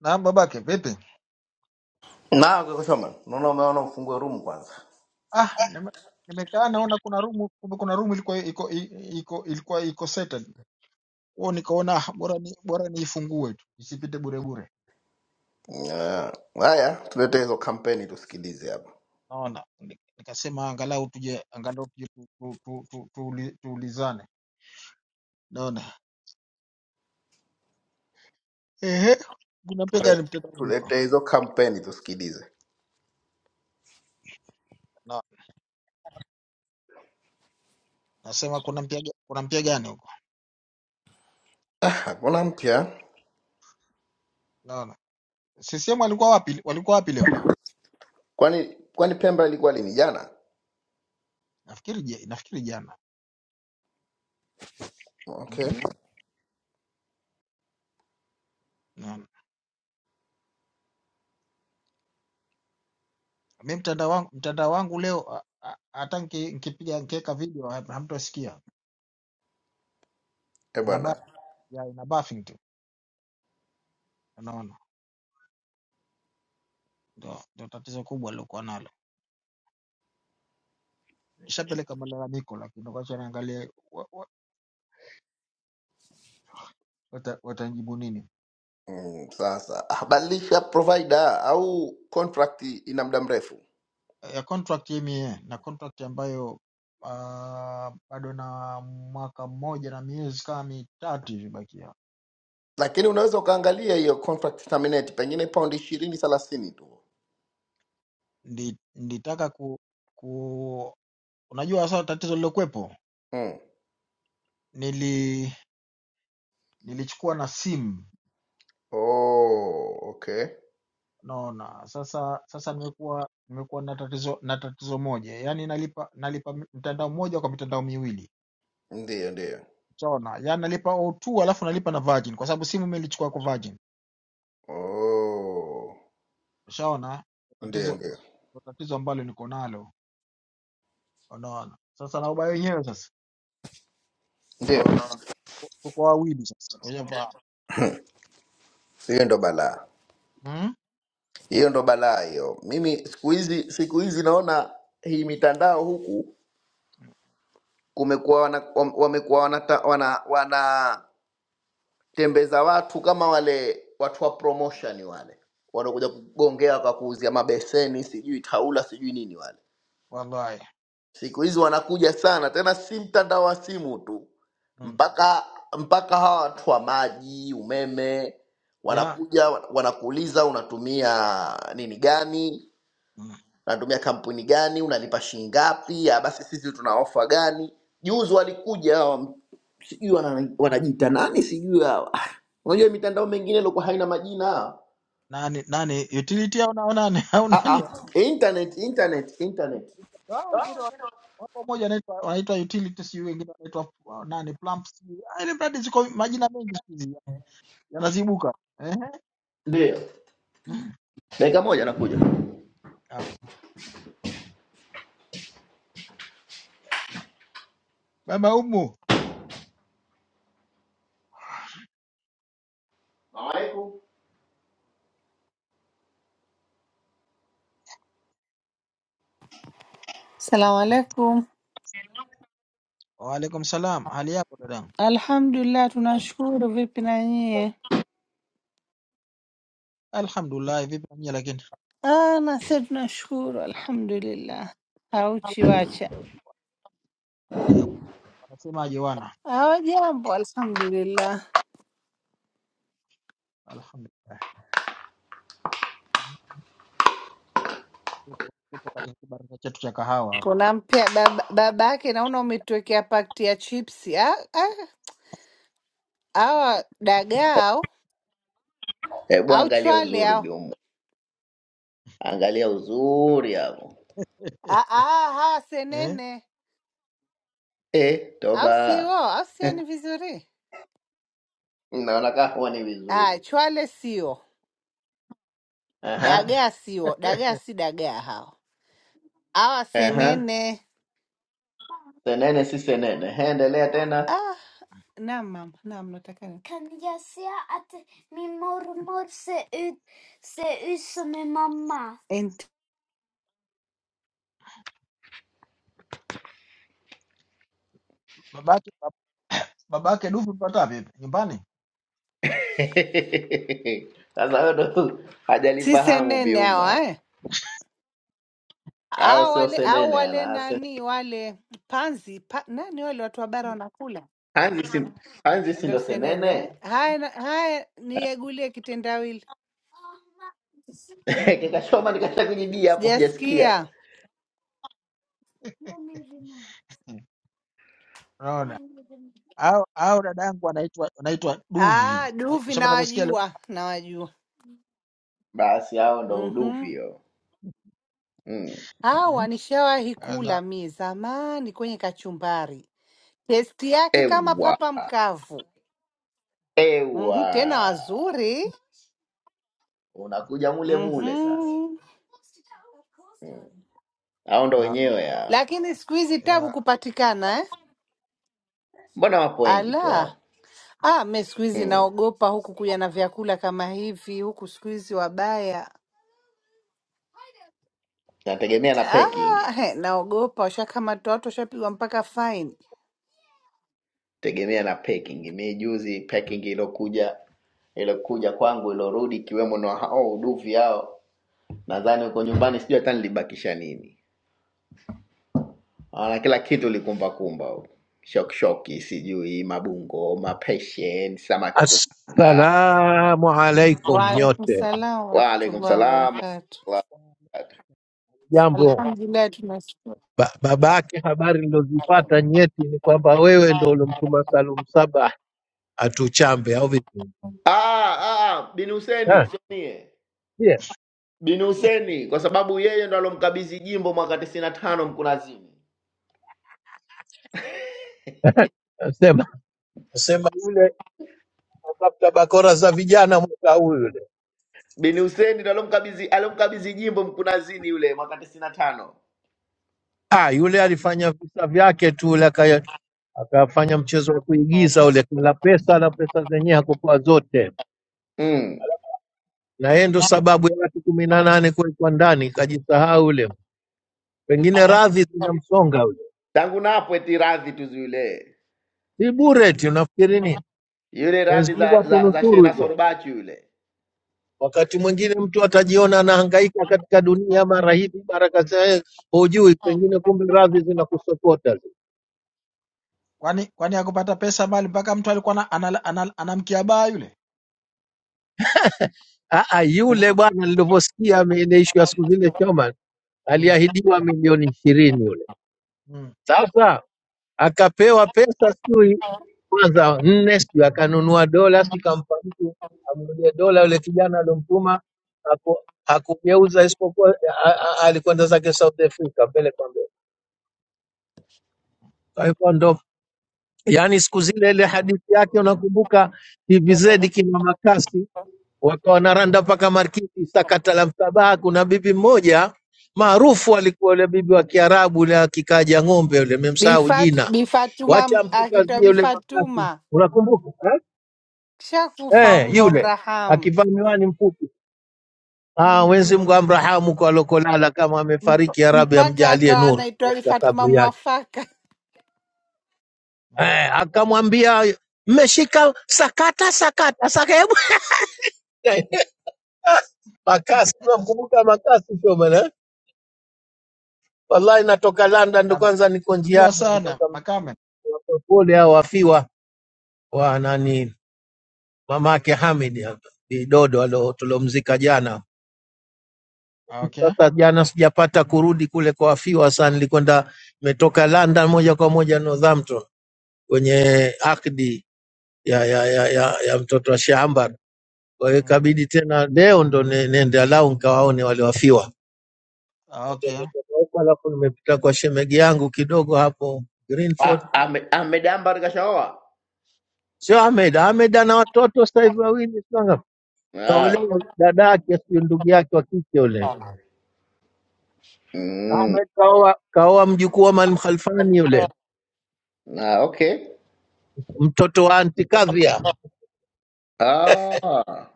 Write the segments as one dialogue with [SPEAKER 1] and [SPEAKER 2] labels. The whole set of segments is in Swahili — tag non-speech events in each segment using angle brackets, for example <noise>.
[SPEAKER 1] Naam babake, vipi?
[SPEAKER 2] na kaka Shoman, naona umeona ufungue room kwanza.
[SPEAKER 1] Ah, nime- nimekaa naona kuna room kumbe kuna room ilikuwa iko i- iko ilikuwa iko settled. Kwao nikaona ah, bora ni bora niifungue tu, isipite bure bure.
[SPEAKER 2] Yeah. Haya, tulete hizo kampeni tusikilize hapa,
[SPEAKER 1] Naona Ni- nikasema angalau tuje angalau tuje tu, tu, tu, tu, tuuli- tuulizane. Naona. Ehe, kuna mpya gani
[SPEAKER 2] Tule-
[SPEAKER 1] mtandaoni huko?
[SPEAKER 2] tulete hizo kampeni tusikilize.
[SPEAKER 1] Naona. Nasema kuna mpya ga- kuna mpya gani huko?
[SPEAKER 2] Ah, Hakuna mpya,
[SPEAKER 1] Naona. CCM walikuwa wapi? Walikuwa wapi leo?
[SPEAKER 2] kwani kwani Pemba ilikuwa lini? Jana.
[SPEAKER 1] Nafikiri je, nafikiri jana.
[SPEAKER 2] Okay,
[SPEAKER 1] Mm. Mi mtandao wangu, mtandao wangu leo a- a- hata nki- nkipiga nkiweka video ha- hamtosikia.
[SPEAKER 2] e
[SPEAKER 1] Ina ba-
[SPEAKER 2] bwana.
[SPEAKER 1] ya ina buffing tu. Unaona? Ndio ndio tatizo kubwa lilokuwa nalo. Nishapeleka malalamiko lakini ngoja niangalie wa- wa- wata- watanijibu nini.
[SPEAKER 2] Mm, sasa ah, badilisha provider au contract ina muda mrefu,
[SPEAKER 1] Ya contract ya MA na contract ambayo uh, bado na mwaka mmoja na miezi kama mitatu hivi bakia.
[SPEAKER 2] lakini unaweza ukaangalia hiyo contract terminate, pengine paundi ishirini thelathini tu.
[SPEAKER 1] Ndi- Nilitaka ku, ku unajua sasa tatizo lilokuwepo
[SPEAKER 2] Mm.
[SPEAKER 1] nili nilichukua na simu
[SPEAKER 2] Oh, okay,
[SPEAKER 1] naona sasa sasa nimekuwa nimekuwa na tatizo na tatizo moja yaani nalipa nalipa mi- mtandao mmoja kwa mitandao miwili
[SPEAKER 2] ndiyo ndiyo.
[SPEAKER 1] ushaona yaani nalipa O2 alafu nalipa na Virgin kwa sababu simu imelichukua kwa Virgin
[SPEAKER 2] Oh,
[SPEAKER 1] ushaona
[SPEAKER 2] ndiyo
[SPEAKER 1] tatizo
[SPEAKER 2] ndiyo
[SPEAKER 1] ndo tatizo ambalo niko nalo unaona sasa na ubaya wenyewe sasa
[SPEAKER 2] ndio
[SPEAKER 1] unaona tuko tuko wawili sasa unavaa
[SPEAKER 2] hiyo ndo balaa
[SPEAKER 1] hmm?
[SPEAKER 2] hiyo ndo balaa hiyo mimi siku hizi siku hizi naona hii mitandao huku kumekuwa wana, wam- wamekuwa wanatembeza wana, wanatembeza watu kama wale watu wa promotion wale wanakuja kugongea wakakuuzia mabeseni sijui taula sijui nini wale
[SPEAKER 1] wallahi
[SPEAKER 2] siku hizi wanakuja sana tena si mtandao wa simu tu
[SPEAKER 1] hmm.
[SPEAKER 2] mpaka mpaka hawa watu wa maji umeme
[SPEAKER 1] ya
[SPEAKER 2] wanakuja wanakuuliza unatumia nini gani
[SPEAKER 1] hmm.
[SPEAKER 2] unatumia kampuni gani, unalipa shilingi ngapi, ah, basi sisi tuna ofa gani. Juzi walikuja hawa, sijui wana- wanajiita nani, sijui hawa. <laughs> Unajua mitandao mingine ilikuwa haina majina.
[SPEAKER 1] nani nani utility au na- au nani <laughs> au
[SPEAKER 2] Ah,
[SPEAKER 1] nani
[SPEAKER 2] ah, internet, internet, internet.
[SPEAKER 1] Hao wengine wa- wako moja anaitwa wanaitwa utility sijui wengine wanaitwa uh, nani plump sijui. Ah, Ile mradi ziko majina mengi siku hizi yanazibuka. Ehe.
[SPEAKER 2] Ndio,
[SPEAKER 1] Mm.
[SPEAKER 2] dakika moja nakuja.
[SPEAKER 1] Ah, Baba Umu.
[SPEAKER 3] Salamu alaikum.
[SPEAKER 1] Waalaikum salam. Hali yako dadangu?
[SPEAKER 3] Alhamdulillah, tunashukuru. Vipi na nyie?
[SPEAKER 1] Alhamdulillah, vipi na nyie lakini?
[SPEAKER 3] Ah, na sisi tunashukuru, alhamdulillah. Hauchi wacha
[SPEAKER 1] Ah, Wanasemaje wana?
[SPEAKER 3] hawajambo, alhamdulillah.
[SPEAKER 1] Alhamdulillah. Mm. Tupo tupo katika kibaraka chetu cha kahawa hapa.
[SPEAKER 3] Kuna mpya baba baba yake, naona umetuwekea pakti ya chipsi. Ah, ah, hawa dagaa au
[SPEAKER 2] Hebu
[SPEAKER 3] au
[SPEAKER 2] angalia
[SPEAKER 3] chwale
[SPEAKER 2] uzuri
[SPEAKER 3] hao
[SPEAKER 2] biumu, angalia uzuri hapo.
[SPEAKER 1] <laughs>
[SPEAKER 3] ah, ah, hawa
[SPEAKER 1] Eh?
[SPEAKER 3] senene
[SPEAKER 2] Eh,
[SPEAKER 3] au sio?
[SPEAKER 2] toba,
[SPEAKER 3] Au sio ni vizuri?
[SPEAKER 2] naona kama ni
[SPEAKER 3] Ah,
[SPEAKER 2] vizuri.
[SPEAKER 3] chwale sio,
[SPEAKER 2] Aha,
[SPEAKER 3] dagaa sio, dagaa
[SPEAKER 1] <laughs>
[SPEAKER 3] si dagaa hao hawa
[SPEAKER 1] Mm.
[SPEAKER 2] aha,
[SPEAKER 3] senene
[SPEAKER 2] senene si senene. He, Endelea tena.
[SPEAKER 3] Ah, Naam, mama. Naam, nataka ni- Ent-
[SPEAKER 1] Babake babake Dufu mpata vipi? Nyumbani?
[SPEAKER 2] <laughs> Sasa wewe ndo
[SPEAKER 3] si
[SPEAKER 2] hajalifahamu
[SPEAKER 3] senene
[SPEAKER 2] biuma
[SPEAKER 3] hawa
[SPEAKER 2] hapo,
[SPEAKER 3] eh?
[SPEAKER 2] au
[SPEAKER 3] Au
[SPEAKER 2] sio?
[SPEAKER 3] wale au
[SPEAKER 2] Senene
[SPEAKER 3] wale
[SPEAKER 2] ana Sen-
[SPEAKER 3] nani wale panzi pa, nani wale watu wa bara wanakula
[SPEAKER 2] Hanzi, si Hanzi si
[SPEAKER 3] ndo
[SPEAKER 2] ndo
[SPEAKER 3] senene. eh?
[SPEAKER 2] Senene?
[SPEAKER 3] Haya, na- haya niyagulie kitendawili,
[SPEAKER 2] <laughs>
[SPEAKER 1] <laughs>
[SPEAKER 2] Kikachoma nikashakujibia hapo, hujasikia?
[SPEAKER 3] sijasikia.
[SPEAKER 1] Unaona? au au dadangu anaitwa anaitwa
[SPEAKER 3] Ah,
[SPEAKER 1] Duvi. Na-
[SPEAKER 3] duvi
[SPEAKER 1] Ushapata kusikia leo
[SPEAKER 3] nawajua, nawajua.
[SPEAKER 2] Basi hao ndo uduvi
[SPEAKER 3] Mhm.
[SPEAKER 2] hiyo. Mm.
[SPEAKER 1] eh?
[SPEAKER 3] Hawa nishawahi
[SPEAKER 1] Ana,
[SPEAKER 3] kula mie zamani kwenye kachumbari, testi yake kama
[SPEAKER 2] Ewa
[SPEAKER 3] papa mkavu. Mhm, tena
[SPEAKER 2] ewa,
[SPEAKER 3] wazuri.
[SPEAKER 2] unakuja mule mule sasa.
[SPEAKER 3] Mhm.
[SPEAKER 2] Hao ndo
[SPEAKER 1] na
[SPEAKER 2] wenyewe hao,
[SPEAKER 3] lakini siku hizi tabu
[SPEAKER 1] ya.
[SPEAKER 3] kupatikana eh?
[SPEAKER 2] mbona wapo wengi tu
[SPEAKER 3] Ala
[SPEAKER 2] hao.
[SPEAKER 3] ah, me siku hizi
[SPEAKER 2] Mm.
[SPEAKER 3] naogopa huku kuja na vyakula kama hivi huku, siku hizi wabaya
[SPEAKER 2] Nategemea na packing.
[SPEAKER 3] ah, he, naogopa washakamata watu, washapigwa mpaka faini.
[SPEAKER 2] tegemea na packing. Mi juzi packing ilokuja ilokuja kwangu ilorudi, ikiwemo na hao uduvi hao, nadhani huko nyumbani sijui hata nilibakisha nini, na kila kitu likumbakumba huko, shokshoki, sijui mabungo, mapeshen, samaki wa kupanga.
[SPEAKER 4] Assalamu alaikum
[SPEAKER 3] Waalaikum
[SPEAKER 4] nyote,
[SPEAKER 3] salam
[SPEAKER 2] Waalaikum
[SPEAKER 3] warahmatullahi
[SPEAKER 2] salam.
[SPEAKER 3] wabarakatu.
[SPEAKER 4] jambo.
[SPEAKER 3] Alhamdulillah, tunashukuru.
[SPEAKER 4] Ba, baba yake habari nilozipata nyeti ni kwamba wewe ndo ulimtuma Salum Saba atuchambe au vipi?
[SPEAKER 2] Ah, ah, bin Huseni
[SPEAKER 4] Ah,
[SPEAKER 2] sio mie,
[SPEAKER 4] yeah.
[SPEAKER 2] bin
[SPEAKER 1] <laughs>
[SPEAKER 2] Huseni kwa sababu yeye ndo alomkabidhi jimbo mwaka tisini na tano Mkunazini.
[SPEAKER 4] Nasema nasema yule atafuta bakora za vijana mwaka huu yule.
[SPEAKER 2] Bin Hussein ndo alomkabidhi alomkabidhi jimbo Mkunazini yule mwaka tisini na tano
[SPEAKER 4] Ah, yule alifanya visa vyake tu yule akaya- akafanya mchezo wa kuigiza ule, kula pesa na pesa zenyewe hakupewa zote,
[SPEAKER 2] mm.
[SPEAKER 4] na yeye ndo sababu ya watu kumi na nane kuwekwa ndani, kajisahau ule, pengine radhi zinamsonga
[SPEAKER 2] tangu napo eti radhi tu yule
[SPEAKER 4] Si bure eti unafikiri nini?
[SPEAKER 2] yule
[SPEAKER 4] Mwenyezi
[SPEAKER 2] radhi
[SPEAKER 4] Mungu
[SPEAKER 2] za za, za
[SPEAKER 4] atunusuru
[SPEAKER 2] Shena
[SPEAKER 4] hivyo.
[SPEAKER 2] Sorubachi yule
[SPEAKER 4] Wakati mwingine mtu atajiona anahangaika katika dunia, mara hivi baraka zake hujui, pengine kumbe radhi zinakusokota zi.
[SPEAKER 1] Kwani kwani akupata pesa mali mpaka mtu alikuwa ana, ana, ana, anamkia baa yule
[SPEAKER 4] Ah, ah, yule bwana nilivyosikia ame- ile issue ya siku zile Shoman
[SPEAKER 1] mm,
[SPEAKER 4] aliahidiwa milioni ishirini yule,
[SPEAKER 1] mm,
[SPEAKER 4] sasa akapewa pesa sijui kwanza nne sijui akanunua dola sijui kampa mtu amnunulie dola yule kijana aliyomtuma haku- hakugeuza isipokuwa a- a- a- alikwenda zake South Africa mbele kwa mbele. Kwa hivyo ndo, yani siku zile ile hadithi yake unakumbuka, TVZ kina Makasi wakawa wanaranda mpaka Markiti, sakata la msabaha. Kuna bibi mmoja
[SPEAKER 1] mm,
[SPEAKER 4] maarufu alikuwa yule bibi wa Kiarabu yule akikaja ng'ombe yule, memsahau
[SPEAKER 3] Bifatu,
[SPEAKER 4] jina,
[SPEAKER 1] mm,
[SPEAKER 3] Bifatuma
[SPEAKER 4] wacha
[SPEAKER 3] akitwa
[SPEAKER 4] mpukazie yule Makasi,
[SPEAKER 3] Bifatuma
[SPEAKER 4] unakumbuka eh?
[SPEAKER 3] kishakufa,
[SPEAKER 1] mm,
[SPEAKER 4] Eh,
[SPEAKER 3] Mungu
[SPEAKER 4] yule
[SPEAKER 3] amrahamu,
[SPEAKER 4] akivaa miwani mfupi Ah, Mwenyezi Mungu amrahamu kwa lokolala kama
[SPEAKER 3] Mp-
[SPEAKER 4] amefariki, ya Rabbi
[SPEAKER 3] mpaka
[SPEAKER 4] amjalie
[SPEAKER 3] akawa
[SPEAKER 4] nuru
[SPEAKER 3] anaitwa
[SPEAKER 4] katika
[SPEAKER 3] Bifatuma
[SPEAKER 4] kabri yake.
[SPEAKER 3] mwafaka.
[SPEAKER 1] mm.
[SPEAKER 4] eh, akamwambia mmeshika sakata sakata saka hebu <laughs> makasi namkumbuka makasi shomana eh? wallahi natoka london ndo kwanza niko
[SPEAKER 1] Namjua
[SPEAKER 4] njiani
[SPEAKER 1] sana
[SPEAKER 4] nilitoka
[SPEAKER 1] Makame
[SPEAKER 4] pole au wafiwa wa nani mamake
[SPEAKER 1] mm.
[SPEAKER 4] hamid hapa, bidodo alo- tulomzika jana
[SPEAKER 1] Ah, Okay.
[SPEAKER 4] sasa jana sijapata kurudi kule kwa wafiwa sana nilikwenda nimetoka london moja kwa moja northampton kwenye akdi ya, ya, ya, ya, ya mtoto wa shamba Kwa hiyo
[SPEAKER 1] Mm.
[SPEAKER 4] ikabidi tena leo ndo ne- nende alau nikawaone wale wafiwa.
[SPEAKER 1] Ah,
[SPEAKER 4] Ndio
[SPEAKER 1] Okay.
[SPEAKER 4] nitoka huko, Alafu nimepita kwa shemegi yangu kidogo hapo Greenford,
[SPEAKER 2] A- ame- Ahmed Ambar kashaoa
[SPEAKER 4] sio Ahmed. Ahmed ana watoto sasa hivi wawili, sio ngapi?
[SPEAKER 2] ah.
[SPEAKER 4] kaolewa dada yake, sio ndugu yake wa kike yule.
[SPEAKER 2] mm.
[SPEAKER 4] Ahmed kaoa kaoa mjukuu wa Maalim Khalfani yule,
[SPEAKER 2] ah, okay
[SPEAKER 4] mtoto wa anti Kadhia,
[SPEAKER 2] ah.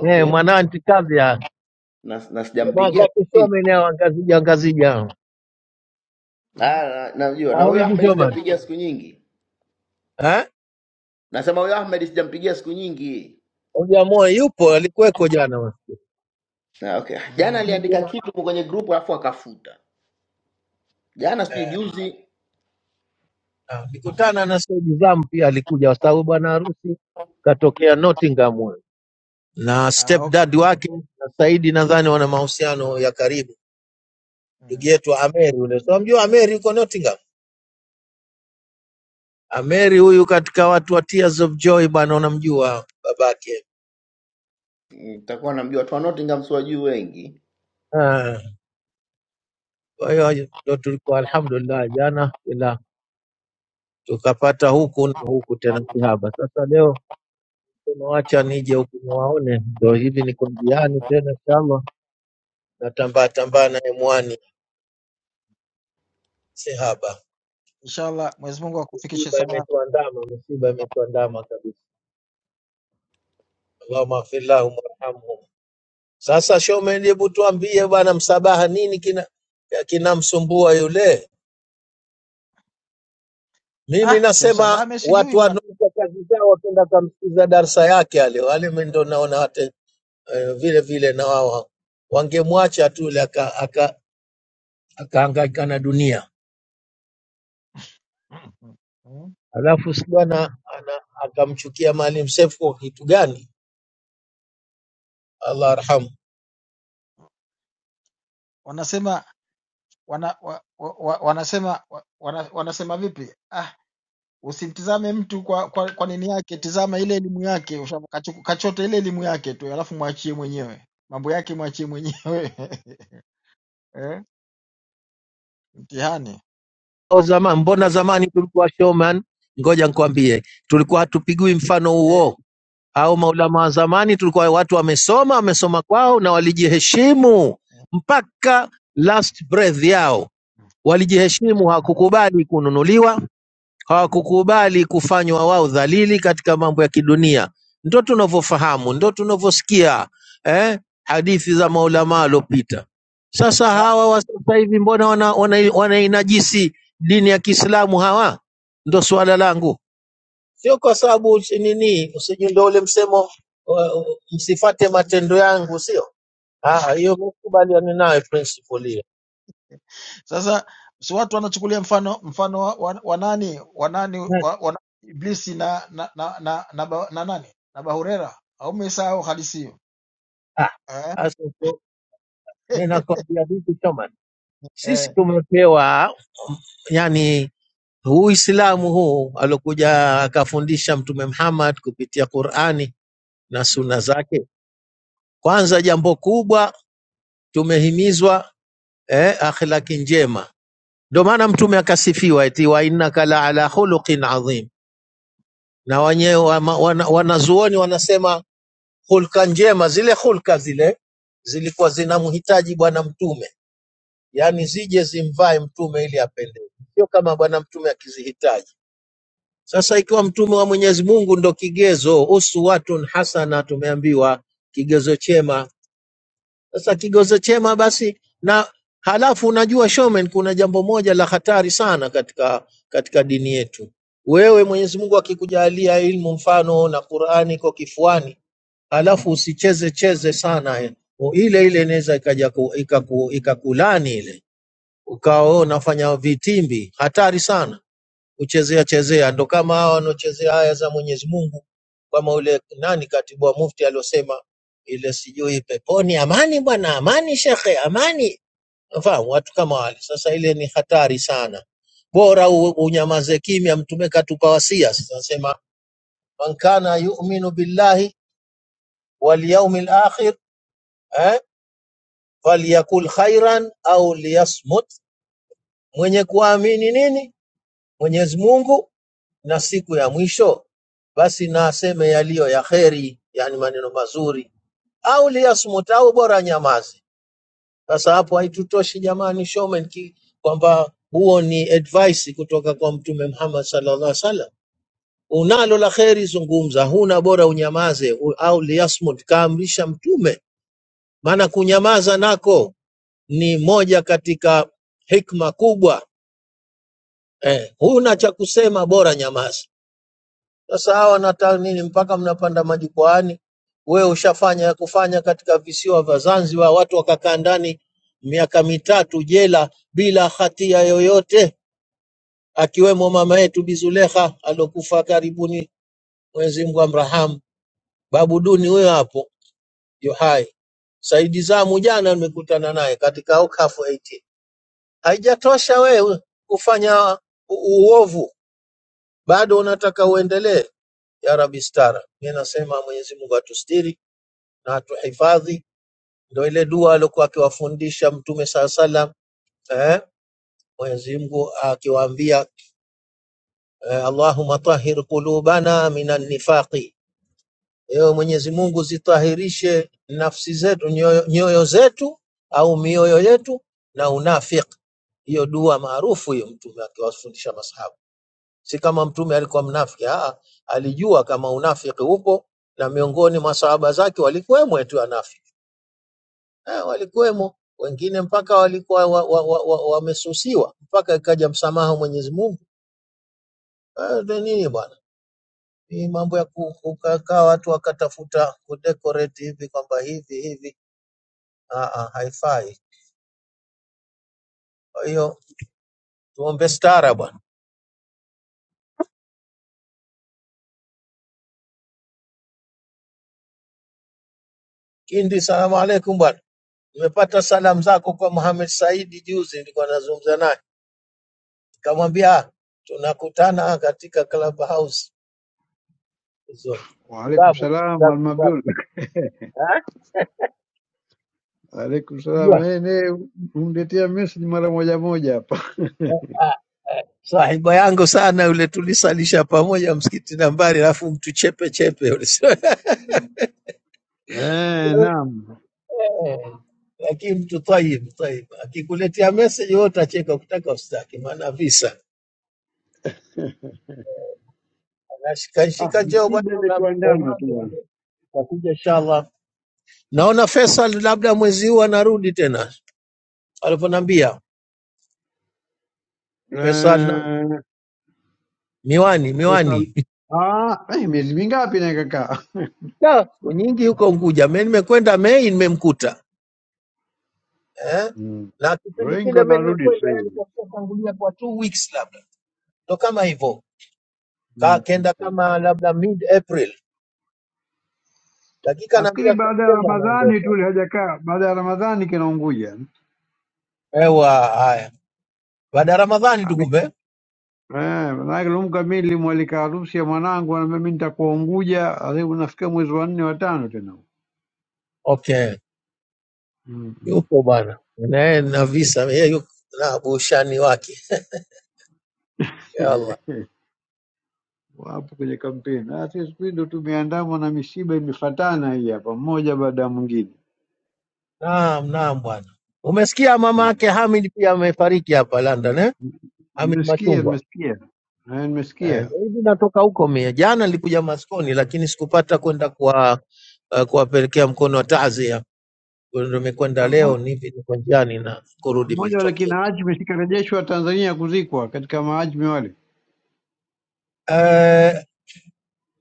[SPEAKER 4] eh, mwana wa anti Kadhia,
[SPEAKER 2] na, na
[SPEAKER 4] jamaa
[SPEAKER 2] sijampigia
[SPEAKER 4] zake Shome naye wangazija ngazija,
[SPEAKER 1] Mm.
[SPEAKER 2] ah, na- najua na
[SPEAKER 4] au
[SPEAKER 2] huyo
[SPEAKER 4] bibi
[SPEAKER 2] Ahmed
[SPEAKER 4] Shoma
[SPEAKER 2] sijampigia siku nyingi
[SPEAKER 4] eh,
[SPEAKER 2] nasema huyo Ahmed sijampigia siku nyingi
[SPEAKER 4] Ojamoyo yupo, alikuweko jana wasikia.
[SPEAKER 2] ah, okay jana
[SPEAKER 1] Mm.
[SPEAKER 2] aliandika kitu kwenye grupu alafu akafuta jana sijui juzi
[SPEAKER 4] Ah, Nilikutana na Said Zam pia alikuja, kwa sababu bwana harusi katokea Nottingham huyo. na
[SPEAKER 1] Ah, okay.
[SPEAKER 4] stepdad wake na Saidi nadhani wana mahusiano ya karibu. Ndugu
[SPEAKER 1] Mm.
[SPEAKER 4] yetu Ameri yule, so mjua Ameri yuko Nottingham. Ameri huyu katika watu wa Tears of Joy bwana, unamjua babake.
[SPEAKER 2] nitakuwa namjua watu wa Nottingham si wajui wengi.
[SPEAKER 4] Ah, Kwa hiyo ndo tulikuwa alhamdulillah, jana ila tukapata huku na huku tena sihaba. Sasa leo tunawacha nije huku niwaone, ndo hivi niko njiani tena, inshallah natambaa tambaa na M1 si haba.
[SPEAKER 1] Inshallah Mwenyezi Mungu akufikishe
[SPEAKER 4] Misiba
[SPEAKER 1] salama.
[SPEAKER 4] imetuandama, misiba imetuandama kabisa. Allahumma ighfir lahum warhamhum. Sasa Shomen, hebu tuambie bwana, msabaha nini kina kinamsumbua yule? Mimi
[SPEAKER 1] Ah, Shemsa
[SPEAKER 4] nasema
[SPEAKER 1] Bame
[SPEAKER 4] watu
[SPEAKER 1] sijui bwana.
[SPEAKER 4] wanaoka kazi zao wakenda kamsikiza darsa yake ale wale, mimi ndo naona hata eh, vile vile na wao wangemwacha tu ile aka, aka, akahangaika na dunia,
[SPEAKER 1] Mm. Mm. mm.
[SPEAKER 4] alafu si bwana ana- akamchukia Maalim Seif kwa kitu gani? Allah arhamu.
[SPEAKER 1] Wanasema wana, wa, wa, wa- wanasema wa- wana, wanasema vipi? Ah, usimtizame mtu kwa, kwa, kwa nini yake, tizama ile elimu yake, usha- kachu- kachote ile elimu yake tu, alafu mwachie mwenyewe mambo yake, mwachie mwenyewe <laughs> eh, mtihani
[SPEAKER 4] O zaman, mbona zamani tulikuwa showman? Ngoja nikwambie, tulikuwa hatupigwi mfano
[SPEAKER 1] eh,
[SPEAKER 4] huo. Au maulama wa zamani tulikuwa watu wamesoma, wamesoma kwao na walijiheshimu mpaka last breath yao, walijiheshimu, hawakukubali kununuliwa hawakukubali kufanywa wao dhalili katika mambo ya kidunia. Ndo tunavyofahamu, ndo tunavyosikia eh, hadithi za maulama waliopita. Sasa
[SPEAKER 1] sa,
[SPEAKER 4] hawa wa sasa hivi mbona wana, wana, wanainajisi dini ya Kiislamu hawa? Ndo suala langu, sio kwa sababu si- nini, usijui ndo ule msemo wa- msifate matendo yangu, sio Ah, ah, hiyo. Mkubaliane nayo principle hiyo.
[SPEAKER 1] sasa si watu wanachukulia mfano mfano wa, wa, wa nani wa nani
[SPEAKER 4] Hmm.
[SPEAKER 1] wa, wa, Iblisi na na na, na, na, ba- na nani na Bahurera au mesahau hadithi hiyo
[SPEAKER 4] Ah,
[SPEAKER 1] eh?
[SPEAKER 4] sasa ndio
[SPEAKER 1] <laughs>
[SPEAKER 4] ninakwambia vipi, Thomas,
[SPEAKER 1] eh.
[SPEAKER 4] sisi tumepewa yani huu Uislamu huu alokuja akafundisha Mtume Muhammad kupitia Qur'ani na suna zake. Kwanza jambo kubwa tumehimizwa eh, akhlaki njema. Ndio maana Mtume akasifiwa eti wa innaka la ala khuluqin adhim, na wenyewe wama- wana- wanazuoni wanasema hulka njema, zile hulka zile zilikuwa zinamhitaji Bwana Mtume, yani zije zimvae Mtume ili apendeze, sio kama Bwana Mtume akizihitaji Sasa ikiwa mtume wa Mwenyezi Mungu ndo kigezo, uswatun hasana, tumeambiwa kigezo chema. Sasa kigezo chema basi, na halafu unajua showman, kuna jambo moja la hatari sana katika katika dini yetu. Wewe Mwenyezi Mungu akikujalia ilmu mfano na Qur'ani iko kifuani, halafu usicheze cheze sana eh. O, ile ile inaweza ikaja ku- ikaku- ikakulani ile, ukawa wewe unafanya vitimbi, hatari sana kuchezea chezea, ndo kama hawa wanaochezea aya za Mwenyezi Mungu, kama ule nani katibu wa mufti aliosema ile sijui peponi amani, bwana amani, shekhe amani, fahamu watu kama wale. Sasa ile ni hatari sana, bora u- unyamaze kimya. Mtume katupa wasia, sasa nasema man kana yu'minu billahi wal yawmil akhir eh, falyakul khairan au liyasmut, mwenye kuamini nini Mwenyezi Mungu na siku ya mwisho, basi na aseme yaliyo ya kheri, yani maneno mazuri, au liyasmut, au bora nyamaze. Sasa hapo haitutoshi jamani, Shomen, ki- kwamba huo ni advice kutoka kwa Mtume Muhammad sallallahu alaihi wasallam. Unalo la kheri zungumza, huna bora unyamaze, u- au liyasmut, kaamrisha Mtume, maana kunyamaza nako ni moja katika hikma kubwa eh, huna cha kusema, bora nyamaza. Sasa hawa nataka nini mpaka mnapanda majukwaani? Wewe ushafanya ya kufanya katika visiwa vya Zanzibar, watu wakakaa ndani miaka mitatu jela bila hatia yoyote, akiwemo mama yetu Bi Zulekha alokufa karibuni, Mwenyezi Mungu amrahamu. Babu Duni huyo hapo yu hai. Saidi Zamu jana nimekutana naye katika Okafu 18. Haijatosha wewe kufanya u- uovu, bado unataka uendelee. Ya Rabbi stara, mimi nasema Mwenyezi Mungu atustiri na atuhifadhi. Ndio ile dua aliyokuwa akiwafundisha Mtume saa salam eh, Mwenyezi Mungu akiwaambia eh, Allahumma tahir qulubana minan nifaqi, ewe Mwenyezi Mungu zitahirishe nafsi zetu nyoyo, nyoyo zetu au mioyo yetu na unafiki. Hiyo dua maarufu hiyo, Mtume akiwafundisha masahabu. Si kama Mtume alikuwa mnafiki, aa, alijua kama unafiki upo na miongoni mwa sahaba zake walikuwemo tu wanafiki. eh, walikuwemo wengine mpaka walikuwa wamesusiwa wa, wa, wa, wa wamesusiwa, mpaka ikaja msamaha Mwenyezi Mungu. Eh, ndio nini bwana, ni mambo ya ku- kukaa watu wakatafuta kudecorate hivi kwamba hivi hivi, ah, ah, haifai. Kwa hiyo tuombe stara bwana. Kindi, salamu alaikum bwana, nimepata salamu zako kwa Mohamed Saidi juzi, nilikuwa nazungumza naye nikamwambia "Ah, tunakutana katika club house Uzuri.
[SPEAKER 5] Waalaikum
[SPEAKER 4] Babu,
[SPEAKER 5] salam
[SPEAKER 4] za- za-
[SPEAKER 5] Almabdul.
[SPEAKER 4] eh,
[SPEAKER 5] Waalaikum salam.
[SPEAKER 4] unajua
[SPEAKER 5] Eh, ne uniletea message mara moja moja hapa.
[SPEAKER 4] ah, sahiba yangu sana yule, tulisalisha pamoja msikiti nambari, alafu mtu chepe chepe yule. <laughs>
[SPEAKER 5] Eh, naam.
[SPEAKER 4] Eh, lakini mtu tayib tayib, akikuletea message wewe utacheka, ukitaka usitaki, maana visa
[SPEAKER 5] Ah,
[SPEAKER 4] anashikashika. Njoo bwana,
[SPEAKER 5] shida
[SPEAKER 4] una- Oman
[SPEAKER 5] imetuandama tu bwana.
[SPEAKER 4] takuja inshallah. Naona Faisal labda mwezi huu anarudi tena, alivyoniambia Faisal nani?
[SPEAKER 5] Eh,
[SPEAKER 4] Miwani,
[SPEAKER 5] Kesa
[SPEAKER 4] miwani <laughs>
[SPEAKER 5] ah, eh, miezi mingapi na kaka?
[SPEAKER 4] Da, siku nyingi huko Unguja. Mimi nimekwenda Mei, nimemkuta eh?
[SPEAKER 5] Mm.
[SPEAKER 4] na kipindi
[SPEAKER 5] Wengi
[SPEAKER 4] kile mimi
[SPEAKER 5] wanarudi sasa
[SPEAKER 4] ninakwenda yani
[SPEAKER 5] hivi.
[SPEAKER 4] kwa kutangulia kwa two weeks labda ndo kama hivyo Ka-
[SPEAKER 5] Mm, mm,
[SPEAKER 4] kenda
[SPEAKER 5] mm.
[SPEAKER 4] kama labda mid April, dakika
[SPEAKER 5] Nafikiri
[SPEAKER 4] naambia
[SPEAKER 5] baada ya
[SPEAKER 4] Septemba
[SPEAKER 5] Ramadhani
[SPEAKER 4] anaondoka.
[SPEAKER 5] tu ile hajakaa, baada ya Ramadhani kinaunguja.
[SPEAKER 4] Ewa haya, baada ya Ramadhani tu
[SPEAKER 5] Ami-
[SPEAKER 4] kumbe.
[SPEAKER 5] Eh, maanake lumka mimi nilimwalika harusi ya mwanangu, anambia mimi nitakuwa Unguja, alafu nafikia mwezi wa nne wa tano tena.
[SPEAKER 4] Okay,
[SPEAKER 5] Mm, mm.
[SPEAKER 4] yupo bwana naye na visa yeye yuko na bushani wake. Ya Allah,
[SPEAKER 5] <laughs> Wapo kwenye kampeni. Ah, Sisi siku hizi ndo tumeandamwa na mishiba imefatana hii hapa, mmoja baada ya mwingine.
[SPEAKER 4] naam naam bwana. Umesikia mama
[SPEAKER 5] Mm.
[SPEAKER 4] yake Hamid pia amefariki hapa London eh? Hamid
[SPEAKER 5] Nimesikia,
[SPEAKER 4] Machungwa.
[SPEAKER 5] nimesikia, Eh,
[SPEAKER 4] Eh,
[SPEAKER 5] nimesikia
[SPEAKER 4] Mimi natoka huko mie. Jana nilikuja maskoni lakini sikupata kwenda kwa uh, kuwapelekea mkono wa taazia. Kwa hiyo Ndio nimekwenda
[SPEAKER 5] Na
[SPEAKER 4] leo,
[SPEAKER 5] mmo-
[SPEAKER 4] nipi niko njiani na kurudi
[SPEAKER 5] mmoja
[SPEAKER 4] Milton
[SPEAKER 5] wale
[SPEAKER 4] Keynes.
[SPEAKER 5] kina Ajmi sikarejeshwa Tanzania kuzikwa katika maajmi wale,
[SPEAKER 4] Uh,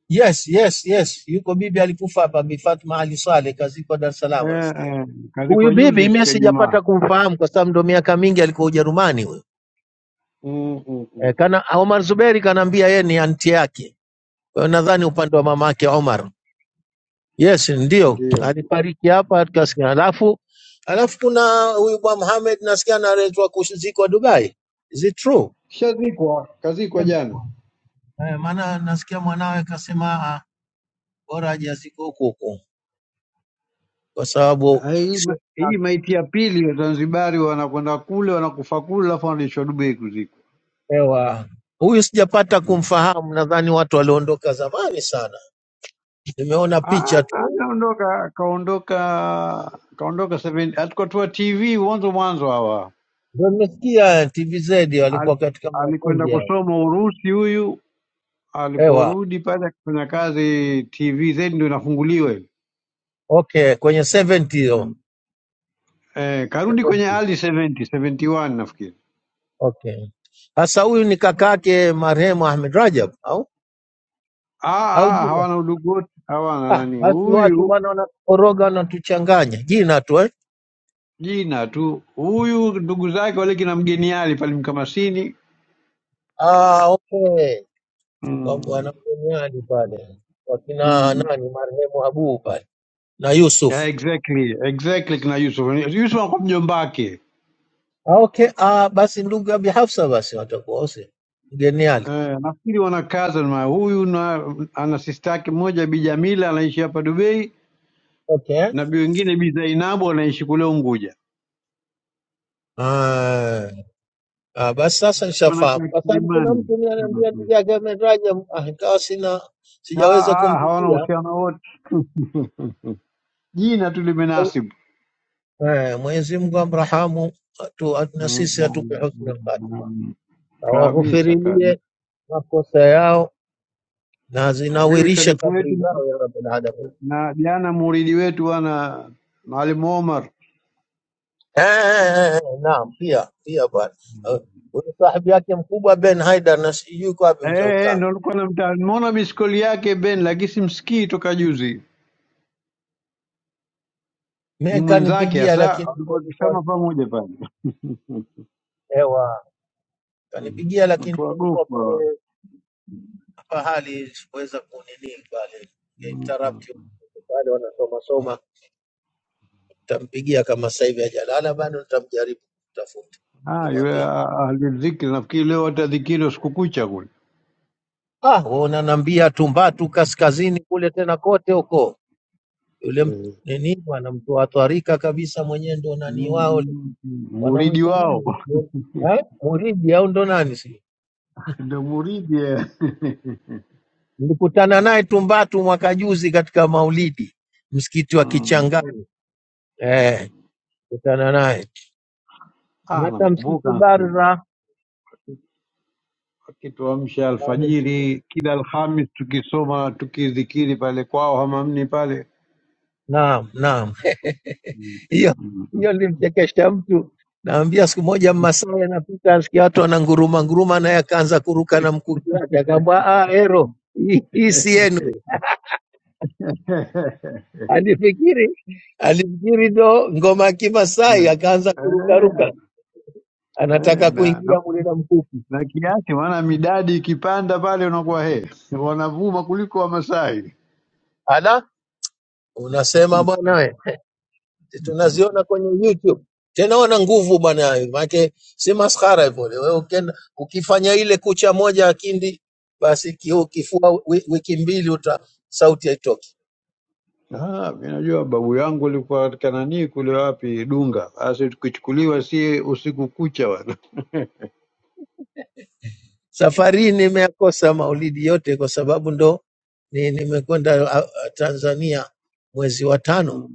[SPEAKER 4] yes, yes, yes. Yuko bibi alikufa hapa Bi Fatma Ali Saleh kazikwa Dar es Salaam
[SPEAKER 5] eh,
[SPEAKER 4] nasikia.
[SPEAKER 5] eh,
[SPEAKER 4] Huyu
[SPEAKER 5] kazikwa
[SPEAKER 4] bibi
[SPEAKER 5] juzi
[SPEAKER 4] mimi
[SPEAKER 5] siku ya Ijumaa.
[SPEAKER 4] sijapata kumfahamu kwa sababu ndo miaka mingi alikuwa Ujerumani huyo.
[SPEAKER 5] Mm, mm, mm.
[SPEAKER 4] Eh, kana Omar Zuberi kanaambia yeye ni anti yake. Kwa hiyo nadhani upande wa mamake Omar. Yes, ndio
[SPEAKER 5] Ndio, ndio.
[SPEAKER 4] alifariki hapa tukasikia. Alafu alafu kuna huyu bwana Mohamed nasikia analetwa kuzikwa Dubai. Is it true?
[SPEAKER 5] Kishazikwa, kazikwa jana.
[SPEAKER 4] Eh, maana nasikia mwanawe kasema ah, bora ajazike huko huko kwa sababu
[SPEAKER 5] Ah, Hii, ma-
[SPEAKER 4] sio
[SPEAKER 5] hii maiti ya pili Wazanzibari wanakwenda kule wanakufa kule, alafu wanarejeshwa Dubai kuzikwa.
[SPEAKER 4] hewa. Huyu sijapata kumfahamu, nadhani watu waliondoka zamani sana. Nimeona
[SPEAKER 5] Ah,
[SPEAKER 4] picha tu,
[SPEAKER 5] hajaondoka, kaondoka kaondoka 70 alikotoa TV mwanzo mwanzo hawa
[SPEAKER 4] ndio nimesikia TVZ
[SPEAKER 5] Al,
[SPEAKER 4] walikuwa katika makundi
[SPEAKER 5] alikwenda
[SPEAKER 4] yao
[SPEAKER 5] kusoma Urusi huyu,
[SPEAKER 4] hewa.
[SPEAKER 5] aliporudi pale akifanya kazi TV zaidi ndio inafunguliwa ile
[SPEAKER 4] Okay, kwenye 70 hiyo
[SPEAKER 5] mm. Eh, karudi
[SPEAKER 4] 70.
[SPEAKER 5] kwenye early 70 71 nafikiri.
[SPEAKER 4] Okay. Sasa huyu ni kakake marehemu Ahmed Rajab au au
[SPEAKER 5] Ah, ah,
[SPEAKER 4] jina?
[SPEAKER 5] hawana udugu wote, hawana
[SPEAKER 4] Ah,
[SPEAKER 5] nani
[SPEAKER 4] basi watu
[SPEAKER 5] huyu
[SPEAKER 4] bwana wanakoroga wanatuchanganya jina tu eh?
[SPEAKER 5] jina tu huyu, ndugu zake wale kina mgeniali pale Mkamasini
[SPEAKER 4] Ah, okay. Kwa
[SPEAKER 5] mm.
[SPEAKER 4] bwana mgeniadi pale wakina
[SPEAKER 5] Mm.
[SPEAKER 4] nani marehemu Abu pale na
[SPEAKER 5] Yeah,
[SPEAKER 4] Yusuf.
[SPEAKER 5] exactly exactly kina Yusuf. Yusuf anakuwa mjomba wake
[SPEAKER 4] Ah, okay. Ah, basi ndugu Abi Hafsa basi watakuwa wote mgeniadi.
[SPEAKER 5] eh, nafikiri wana cousin ma huyu na ana sister yake mmoja Bi Jamila anaishi hapa Dubai
[SPEAKER 4] Okay. eh?
[SPEAKER 5] na bi wengine Bi Zainabu anaishi kule Unguja.
[SPEAKER 4] Ah, ah, basi sasa
[SPEAKER 5] Walikuwa
[SPEAKER 4] nishafahamu
[SPEAKER 5] Wanakaa
[SPEAKER 4] kwa sababu kuna
[SPEAKER 5] Kilimani.
[SPEAKER 4] mtu mimi ananiambia
[SPEAKER 5] Mm.
[SPEAKER 4] ndugu yake Ahmed Rajab, ah, ikawa sina
[SPEAKER 5] Ah,
[SPEAKER 4] sijaweza
[SPEAKER 5] ah, hawana
[SPEAKER 4] kumpitia
[SPEAKER 5] uhusiano wote. Mhm. Jina tu limenasibu
[SPEAKER 4] Eh, Mwenyezi Mungu amrahamu tu, na
[SPEAKER 5] Mm,
[SPEAKER 4] sisi atupe
[SPEAKER 5] mm, mm,
[SPEAKER 4] husnul khatima,
[SPEAKER 5] mm. kabisa kabisa.
[SPEAKER 4] awaghufirie makosa yao na
[SPEAKER 5] Leo
[SPEAKER 4] zinawirishe
[SPEAKER 5] sharifu
[SPEAKER 4] kabri
[SPEAKER 5] wetu
[SPEAKER 4] zao ya Rabbil Alamin.
[SPEAKER 5] na jana muridi wetu bwana Maalim Omar
[SPEAKER 4] Eh, naam, pia pia bwana Eh, huyu sahibi yake mkubwa Ben Haidar na sijui kwa wapi
[SPEAKER 5] Eh,
[SPEAKER 4] mzee
[SPEAKER 5] eh,
[SPEAKER 4] utamu
[SPEAKER 5] ndo alikuwa namta- nimeona miskoli yake Ben, lakini simsikii toka juzi. Ni
[SPEAKER 4] mimi
[SPEAKER 5] mwenzake
[SPEAKER 4] kanipigia,
[SPEAKER 5] hasa,
[SPEAKER 4] lakini ndio
[SPEAKER 5] alikuwa
[SPEAKER 4] nilikuwa
[SPEAKER 5] akisoma pamoja pale. <laughs>
[SPEAKER 4] ewa kanipigia, lakini
[SPEAKER 5] Watu
[SPEAKER 4] ndio nilikuwa
[SPEAKER 5] wagofu hawa.
[SPEAKER 4] kule pahali sikuweza kunini pale
[SPEAKER 5] Mm.
[SPEAKER 4] interrupt pale wanasoma soma Nitampigia kama sasa hivi hajalala bado, nitamjaribu kutafuta,
[SPEAKER 5] Ah, yule
[SPEAKER 4] nimwambie
[SPEAKER 5] alidhikiri, nafikiri leo watadhikiri usiku kucha kule.
[SPEAKER 4] ah, wewe unaniambia Tumbatu kaskazini kule tena kote huko, yule m-
[SPEAKER 5] Eh.
[SPEAKER 4] nini bwana mtu atwarika kabisa, mwenyewe ndo nani wao yule.
[SPEAKER 5] Mm, Muridi
[SPEAKER 4] wanamwita
[SPEAKER 5] wao
[SPEAKER 4] nani
[SPEAKER 5] <laughs>
[SPEAKER 4] eh? Muridi au ndo nani si <laughs>
[SPEAKER 5] ndo muridi eh. <laughs>
[SPEAKER 4] Nilikutana naye Tumbatu mwaka juzi katika Maulidi, msikiti wa
[SPEAKER 5] Mm.
[SPEAKER 4] Kichangani. Eh, kutana naye
[SPEAKER 5] Ah,
[SPEAKER 4] hata msikiti
[SPEAKER 5] namkumbuka
[SPEAKER 4] Barza.
[SPEAKER 5] akituamsha alfajiri kila Alhamis tukisoma tukidhikiri pale kwao Hamamni pale
[SPEAKER 4] Naam, naam. hiyo hiyo
[SPEAKER 5] <laughs>
[SPEAKER 4] nilimchekesha mtu naambia siku moja Mmasai anapita asikia watu wananguruma nguruma, naye akaanza kuruka na mkuki wake, akaambwa ah, ero hii hii si yenu.
[SPEAKER 5] Eh,
[SPEAKER 4] Alifikiri alifikiri ndo ngoma ya Kimasai, akaanza kurukaruka,
[SPEAKER 5] eh,
[SPEAKER 4] anataka
[SPEAKER 5] na, na,
[SPEAKER 4] kuingia mule na mkuki.
[SPEAKER 5] na kiasi maana midadi ikipanda pale unakuwa he wanavuma kuliko Wamasai.
[SPEAKER 4] Ala, unasema
[SPEAKER 5] <laughs>
[SPEAKER 4] bwana we Si tunaziona kwenye YouTube. Tena wana nguvu bwana, maanake si maskhara hivyo. Wewe ukienda ukifanya ile kucha moja ya kindi, basi kiu- kifua wi- wiki mbili uta sauti haitoki.
[SPEAKER 5] Ah, mimi najua babu yangu alikuwa katika nani kule wapi Dunga. Sasa tukichukuliwa si usiku kucha bwana.
[SPEAKER 4] Safari hii nimeyakosa maulidi yote kwa sababu ndo ni, nimekwenda ah, ah, Tanzania mwezi wa tano.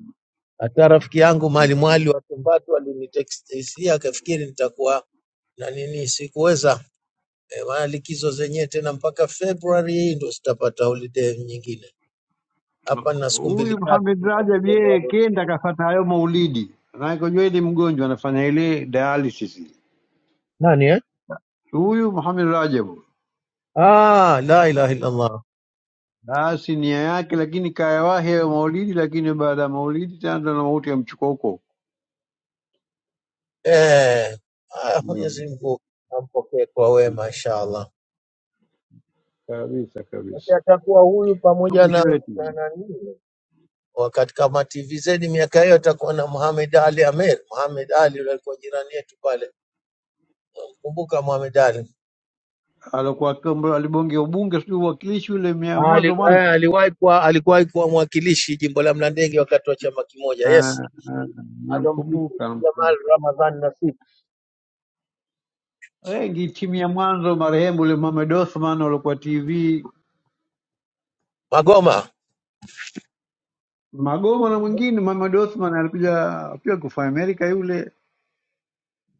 [SPEAKER 4] Hata rafiki yangu Mali Mwali wa Tumbatu alinitekstisia akafikiri nitakuwa na nini, sikuweza. E, maana likizo zenyewe tena mpaka Februari hii ndo sitapata holiday nyingine. hapa na siku mbili
[SPEAKER 5] Huyu
[SPEAKER 4] tatu
[SPEAKER 5] Mohamed
[SPEAKER 4] tu za
[SPEAKER 5] Rajab
[SPEAKER 4] kudondoa
[SPEAKER 5] yeye
[SPEAKER 4] dondoa.
[SPEAKER 5] kenda kafata hayo maulidi. Maanake unajua ile mgonjwa anafanya ile dialysis. ile.
[SPEAKER 4] nani eh?
[SPEAKER 5] Huyu Mohamed Rajab
[SPEAKER 4] ah, la ilaha illallah
[SPEAKER 5] Ah, si nia yake, lakini kayawahi hayo maulidi, lakini baada ya maulidi tena ndo na mauti ya mchukoko.
[SPEAKER 4] eh, ah,
[SPEAKER 5] Mm.
[SPEAKER 4] Mwenyezi Mungu ampokee kwa
[SPEAKER 5] mm.
[SPEAKER 4] wema inshallah.
[SPEAKER 5] Kabisa
[SPEAKER 4] Sasa
[SPEAKER 5] kabisa,
[SPEAKER 4] atakuwa huyu pamoja
[SPEAKER 5] mtumishi
[SPEAKER 4] na
[SPEAKER 5] wetu bwana.
[SPEAKER 4] na nani wakati kama TVZ miaka hiyo atakuwa na Muhammad Ali Amer. Muhammad Ali yule alikuwa jirani yetu pale, kumbuka Muhammad Ali
[SPEAKER 5] alikuwa kama- alibongea ubunge, sijui uwakilishi ule mia
[SPEAKER 4] Ali
[SPEAKER 5] mwanzo
[SPEAKER 4] eh,
[SPEAKER 5] mwanzo.
[SPEAKER 4] aliwahi kuwa alikuwahi kuwa mwakilishi jimbo la Mlandege wakati wa chama kimoja,
[SPEAKER 5] Ah,
[SPEAKER 4] yes,
[SPEAKER 5] ah,
[SPEAKER 4] alomdhibiti
[SPEAKER 5] Namkumbuka,
[SPEAKER 4] Jamal
[SPEAKER 5] namkumbuka.
[SPEAKER 4] Ramadhan Nasib
[SPEAKER 5] wengi timu ya mwanzo, marehemu ule Mohamed Othman alikuwa TV
[SPEAKER 4] Magoma
[SPEAKER 5] Magoma na mwingine. Mohamed Othman alikuja pia kufa Amerika yule,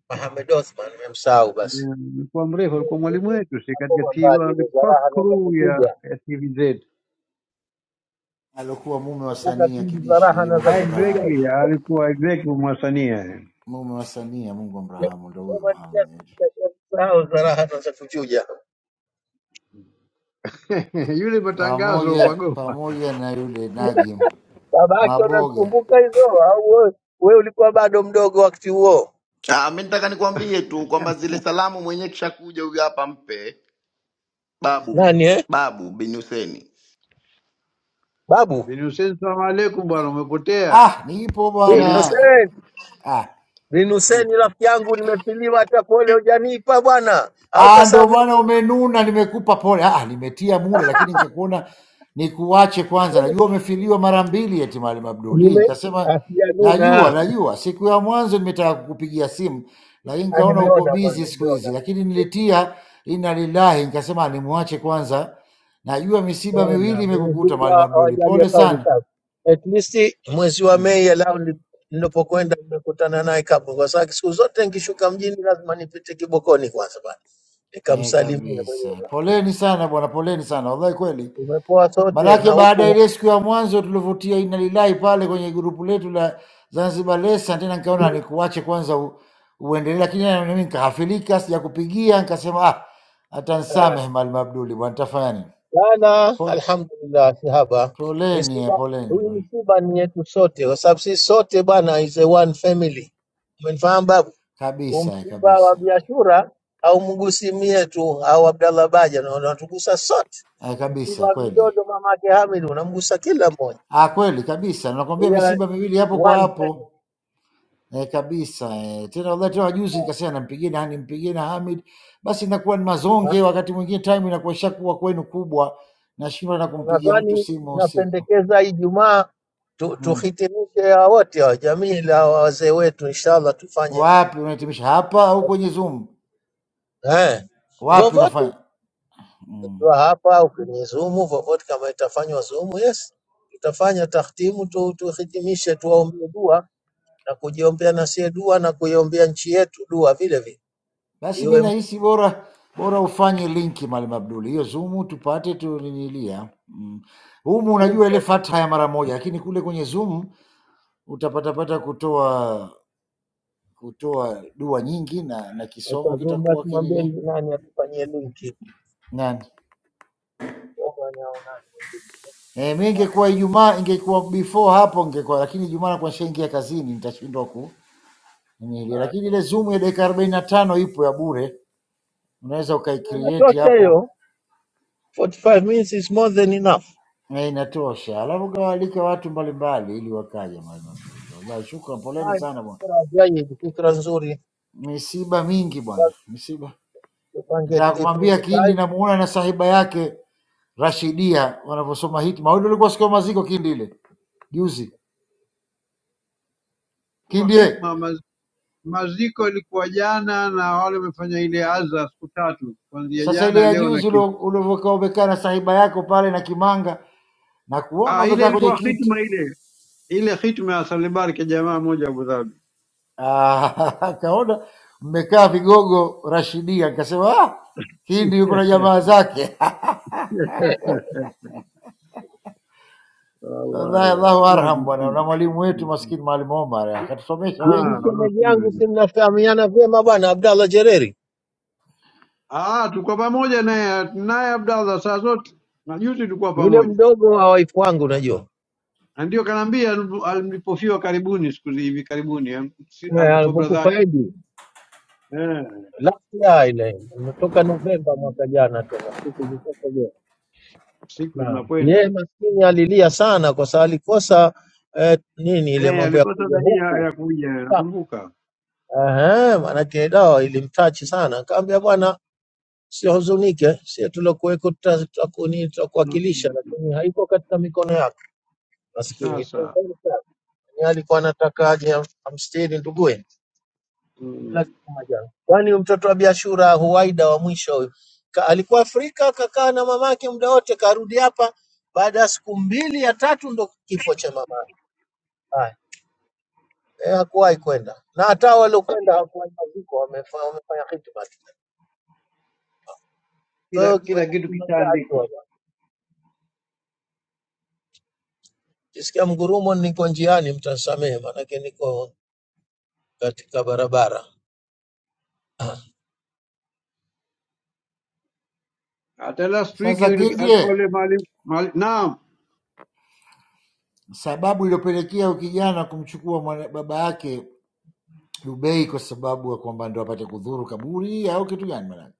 [SPEAKER 4] Mohamed Othman, nimemsahau basi.
[SPEAKER 5] Mm, alikuwa mrefu, alikuwa mwalimu wetu, si katika
[SPEAKER 4] Yakobo
[SPEAKER 5] TV,
[SPEAKER 4] Mbadi, za
[SPEAKER 5] alikuwa
[SPEAKER 4] raha
[SPEAKER 5] first
[SPEAKER 4] na za
[SPEAKER 5] crew ya,
[SPEAKER 4] kuchuja,
[SPEAKER 5] ya TVZ
[SPEAKER 6] alokuwa mume wa
[SPEAKER 4] kumbuka
[SPEAKER 6] Sania
[SPEAKER 4] pindi za
[SPEAKER 6] Kidishi,
[SPEAKER 4] raha na za
[SPEAKER 6] Mungu
[SPEAKER 4] kuchuja.
[SPEAKER 6] amrahamu,
[SPEAKER 5] exactly alikuwa exactly mwasanii yani.
[SPEAKER 6] mume wa Sania, Mungu amrahamu, ndo huyo
[SPEAKER 4] Soma
[SPEAKER 6] Muhammad
[SPEAKER 4] Sahau za raha na za kuchuja.
[SPEAKER 5] <laughs> yule matangazo
[SPEAKER 6] pamoja
[SPEAKER 5] pagoma
[SPEAKER 6] pamoja na yule Najim
[SPEAKER 4] baba yake
[SPEAKER 6] Maboga.
[SPEAKER 4] unazikumbuka hizo au wewe? Wewe ulikuwa bado mdogo wakati huo.
[SPEAKER 2] Ah, mi nataka nikwambie tu kwamba zile salamu mwenyewe kishakuja huyu hapa mpe babu huyu.
[SPEAKER 4] Nani eh?
[SPEAKER 2] babu bin Huseni
[SPEAKER 4] Babu
[SPEAKER 5] bin Hussein, salamu alaikum bwana, umepotea
[SPEAKER 6] Ah, nipo
[SPEAKER 4] bin
[SPEAKER 2] bin
[SPEAKER 6] bwana.
[SPEAKER 4] Hussein
[SPEAKER 6] Ah,
[SPEAKER 4] bin
[SPEAKER 5] Hmm.
[SPEAKER 4] Hussein, rafiki yangu, nimefiliwa hata pole, hujanipa bwana, au
[SPEAKER 6] Ah, ndo
[SPEAKER 4] kasamehe
[SPEAKER 6] maana umenuna, nimekupa pole. Ah, nimetia mule, lakini nikakuona nikuache kwanza. Najua umefiliwa mara mbili eti Maalim Abduli.
[SPEAKER 4] nime
[SPEAKER 6] Nikasema najua,
[SPEAKER 4] asianuna.
[SPEAKER 6] najua. Siku ya mwanzo nimetaka kukupigia simu, lakini
[SPEAKER 4] Ah,
[SPEAKER 6] nikaona uko
[SPEAKER 4] Nimeona
[SPEAKER 6] busy
[SPEAKER 4] bwana,
[SPEAKER 6] siku hizi,
[SPEAKER 4] nimeona
[SPEAKER 6] lakini nilitia inna lillahi, nikasema nimwache kwanza. Najua misiba miwili
[SPEAKER 4] Umeona, Mwenyezi
[SPEAKER 6] imekukuta
[SPEAKER 4] Mungu
[SPEAKER 6] Maalim Abduli,
[SPEAKER 4] awajalie
[SPEAKER 6] pole
[SPEAKER 4] kauli
[SPEAKER 6] sana.
[SPEAKER 4] safi. At least mwezi wa
[SPEAKER 6] Mm.
[SPEAKER 4] Mei alau ni- ninapokwenda nimekutana naye kapo, kwa sababu siku zote nikishuka mjini lazima nipite Kibokoni kwanza bana,
[SPEAKER 6] Eh,
[SPEAKER 4] nikamsalimia mwenye
[SPEAKER 6] kabisa,
[SPEAKER 4] Mungu.
[SPEAKER 6] poleni sana bwana, poleni sana wallahi, kweli
[SPEAKER 4] Tumepoa sote
[SPEAKER 6] Manake
[SPEAKER 4] na
[SPEAKER 6] baada ya
[SPEAKER 4] huku
[SPEAKER 6] ile siku ya mwanzo tulivutia inna lillahi pale kwenye grupu letu la Zanzibar Lesson, tena nikaona nikuache kwanza u, uendelee, lakini na mimi nikahafilika, sijakupigia nikasema, ah, hata
[SPEAKER 4] eh,
[SPEAKER 6] nsamehe Maalim Abduli bwana, nitafanya nini?
[SPEAKER 4] jana,
[SPEAKER 6] Po-
[SPEAKER 4] alhamdulillah, sihaba
[SPEAKER 6] Poleni eh,
[SPEAKER 4] misiba.
[SPEAKER 6] poleni
[SPEAKER 4] Huyu
[SPEAKER 6] bwana.
[SPEAKER 4] msiba ni yetu sote, kwa sababu sisi sote bana is a one family. Umenifahamu baba?
[SPEAKER 6] kabisa eh,
[SPEAKER 4] Umsiba
[SPEAKER 6] kabisa
[SPEAKER 4] wa
[SPEAKER 6] eh,
[SPEAKER 4] Biashura haumgusi mie tu au Abdallah Baja, na unatugusa sote.
[SPEAKER 6] Eh, kabisa
[SPEAKER 4] Msiba wa
[SPEAKER 6] kweli
[SPEAKER 4] Vidodo mamake Hamid unamgusa kila mmoja.
[SPEAKER 6] ah, kweli kabisa, nakwambia
[SPEAKER 4] We are
[SPEAKER 6] misiba miwili hapo kwa
[SPEAKER 4] one
[SPEAKER 6] hapo
[SPEAKER 4] family.
[SPEAKER 6] eh, kabisa eh. Tena uletewa juzi, nikasema nampigie nani, nimpigie na Hamid, basi inakuwa ni
[SPEAKER 4] Na
[SPEAKER 6] mazonge. Wakati mwingine time inakuwa ishakuwa kwenu kubwa, nashindwa na kumpigia mtu
[SPEAKER 4] nadhani
[SPEAKER 6] simu usiku
[SPEAKER 4] napendekeza Ijumaa tu,
[SPEAKER 6] mm.
[SPEAKER 4] tuhitimishe hawa wote wa jamii la wazee wetu, inshallah tufanye
[SPEAKER 6] Wapi unahitimisha hapa au kwenye Zoom?
[SPEAKER 4] eh,
[SPEAKER 6] Wapi
[SPEAKER 4] vovote
[SPEAKER 6] unafanya mm.
[SPEAKER 4] ukiwa hapa au kwenye Zoom, vovote kama itafanywa Zoom, yes, tutafanya tahtimu tu, tuhitimishe, tuwaombee dua na kujiombea na sie dua na kuiombea nchi yetu dua vile vile
[SPEAKER 6] Basi mi
[SPEAKER 4] iwe
[SPEAKER 6] nahisi bora bora ufanye linki Mwalimu Abduli, hiyo Zoom tupate tuninilia mm. Humu unajua
[SPEAKER 4] mfunga.
[SPEAKER 6] ile fatha ya mara moja, lakini kule kwenye Zoom utapatapata kutoa kutoa dua nyingi na, na kisomo
[SPEAKER 4] Sasa Zoom
[SPEAKER 6] kitakuwa
[SPEAKER 4] basi mwambie
[SPEAKER 6] kinini
[SPEAKER 4] ni nani atufanyie linki.
[SPEAKER 6] nani
[SPEAKER 4] Mungu anaonani mwingine.
[SPEAKER 6] e, mi ingekuwa Ijumaa, ingekuwa before hapo ingekuwa, lakini Ijumaa nakuwa nishaingia kazini, nitashindwa ku nini ile.
[SPEAKER 4] Ah,
[SPEAKER 6] lakini ile zoom ya dakika arobaini na tano ipo ya bure, unaweza ukaicreate
[SPEAKER 4] Inatosha
[SPEAKER 6] hapo
[SPEAKER 4] hiyo 45 minutes is more than enough.
[SPEAKER 6] na inatosha, alafu kawaalike watu mbalimbali ili wakaje. Jamani, wallahi shukran, poleni
[SPEAKER 4] Naye
[SPEAKER 6] sana bwana,
[SPEAKER 4] Fikra jayyid, fikra nzuri.
[SPEAKER 6] misiba mingi bwana,
[SPEAKER 4] Basi
[SPEAKER 6] misiba.
[SPEAKER 4] Tupange
[SPEAKER 6] Nataka
[SPEAKER 4] ipange
[SPEAKER 6] kumwambia Kindi
[SPEAKER 4] time.
[SPEAKER 6] namuona na sahiba yake Rashidia wanavyosoma hiki maudi. Ulikuwa siku ya maziko kindi ile juzi,
[SPEAKER 5] kuwa
[SPEAKER 6] kindi we.
[SPEAKER 5] hitma maz, maziko ilikuwa jana na wale wamefanya ile adha siku tatu kuanzia
[SPEAKER 6] Sasa ile
[SPEAKER 5] jana
[SPEAKER 6] ya
[SPEAKER 5] leo na
[SPEAKER 6] juzi
[SPEAKER 5] kesho.
[SPEAKER 6] ulio- ulivyokaa umekaa na sahiba yako pale na Kimanga na kuona
[SPEAKER 5] Ah, ile
[SPEAKER 6] umekaa kwenye
[SPEAKER 5] ilikuwa
[SPEAKER 6] kiti <laughs>
[SPEAKER 5] hitma ile ile hitma ya Salibar kwa jamaa moja Abu Dhabi.
[SPEAKER 6] Ah, akaona mmekaa vigogo Rashidia, akasema ah, kindi yuko na
[SPEAKER 5] <laughs>
[SPEAKER 6] jamaa zake <laughs> wallahi,
[SPEAKER 5] Wallahi. ya.
[SPEAKER 6] Allahu
[SPEAKER 5] Na,
[SPEAKER 6] arham bwana, na
[SPEAKER 5] msije.
[SPEAKER 6] mwalimu wetu
[SPEAKER 5] Mhm.
[SPEAKER 6] maskini Mwalimu Omar eh, akatusomesha
[SPEAKER 4] Hii ndi
[SPEAKER 5] Ah,
[SPEAKER 6] wengi.
[SPEAKER 4] shemeji
[SPEAKER 5] Rosina.
[SPEAKER 4] yangu, si mnafahamiana vyema bwana Abdallah Jereri,
[SPEAKER 5] Ah, tulikuwa pamoja naye naye Abdallah saa zote na juzi tulikuwa
[SPEAKER 4] yule
[SPEAKER 5] pamoja,
[SPEAKER 4] mdogo wa wife wangu unajua.
[SPEAKER 5] na ndio kanaambia alipo- alipofiwa karibuni, siku zi- hivi karibuni eh, si-
[SPEAKER 4] Eh,
[SPEAKER 5] alipofiwa brother
[SPEAKER 4] alipokufa
[SPEAKER 5] yake
[SPEAKER 4] Edi
[SPEAKER 5] eh,
[SPEAKER 4] last year ile, natoka Novemba mwaka jana tena, siku zitoka
[SPEAKER 5] siku
[SPEAKER 4] Naam. Yeye
[SPEAKER 5] zinakwenda
[SPEAKER 4] maskini alilia sana kwa sababu alikosa eh, nini ile
[SPEAKER 5] eh,
[SPEAKER 4] mambo ya
[SPEAKER 5] alikosa
[SPEAKER 4] kuja
[SPEAKER 5] nani ya, ya
[SPEAKER 4] huku
[SPEAKER 5] kuja,
[SPEAKER 4] Ta-
[SPEAKER 5] nakumbuka
[SPEAKER 4] Ehe, maanake dawa ilimtachi sana, akaambia bwana, usihuzunike, sie tuliokuweko tuta- tutakuni-
[SPEAKER 5] Mm,
[SPEAKER 4] tutakuwakilisha,
[SPEAKER 5] mm.
[SPEAKER 4] lakini haiko katika mikono yako. Maskini Yeye
[SPEAKER 5] Sasa
[SPEAKER 4] alikuwa anataka aje am- amstiri nduguye, kila
[SPEAKER 5] mm,
[SPEAKER 4] kitu majanga. Kwani huyu mtoto wa biashara huwaida wa mwisho huyu Ka- alikuwa Afrika, kakaa na mamake muda wote, karudi hapa baada ya siku mbili ya tatu ndo kifo cha mama. Haya, eh, hakuwahi kwenda na hata waliokwenda hawakuwahi maziko, wamefa- wamefanya khidma tu.
[SPEAKER 5] kila
[SPEAKER 4] Kwa
[SPEAKER 5] kila kitu
[SPEAKER 4] hiyo hatua
[SPEAKER 5] kishaandikwa.
[SPEAKER 4] bwana. Kisikia mgurumo, niko njiani, mtasamehe, maanake niko katika barabara. Ah,
[SPEAKER 5] Hata last week
[SPEAKER 6] Sasa
[SPEAKER 5] yule- alikuwa
[SPEAKER 6] kindie,
[SPEAKER 5] yule mwalimu mwali- naam
[SPEAKER 6] sababu iliyopelekea huyu kijana kumchukua mwana- baba yake Dubei kwa sababu ya kwamba ndo apate kudhuru kaburi au kitu gani? Maanake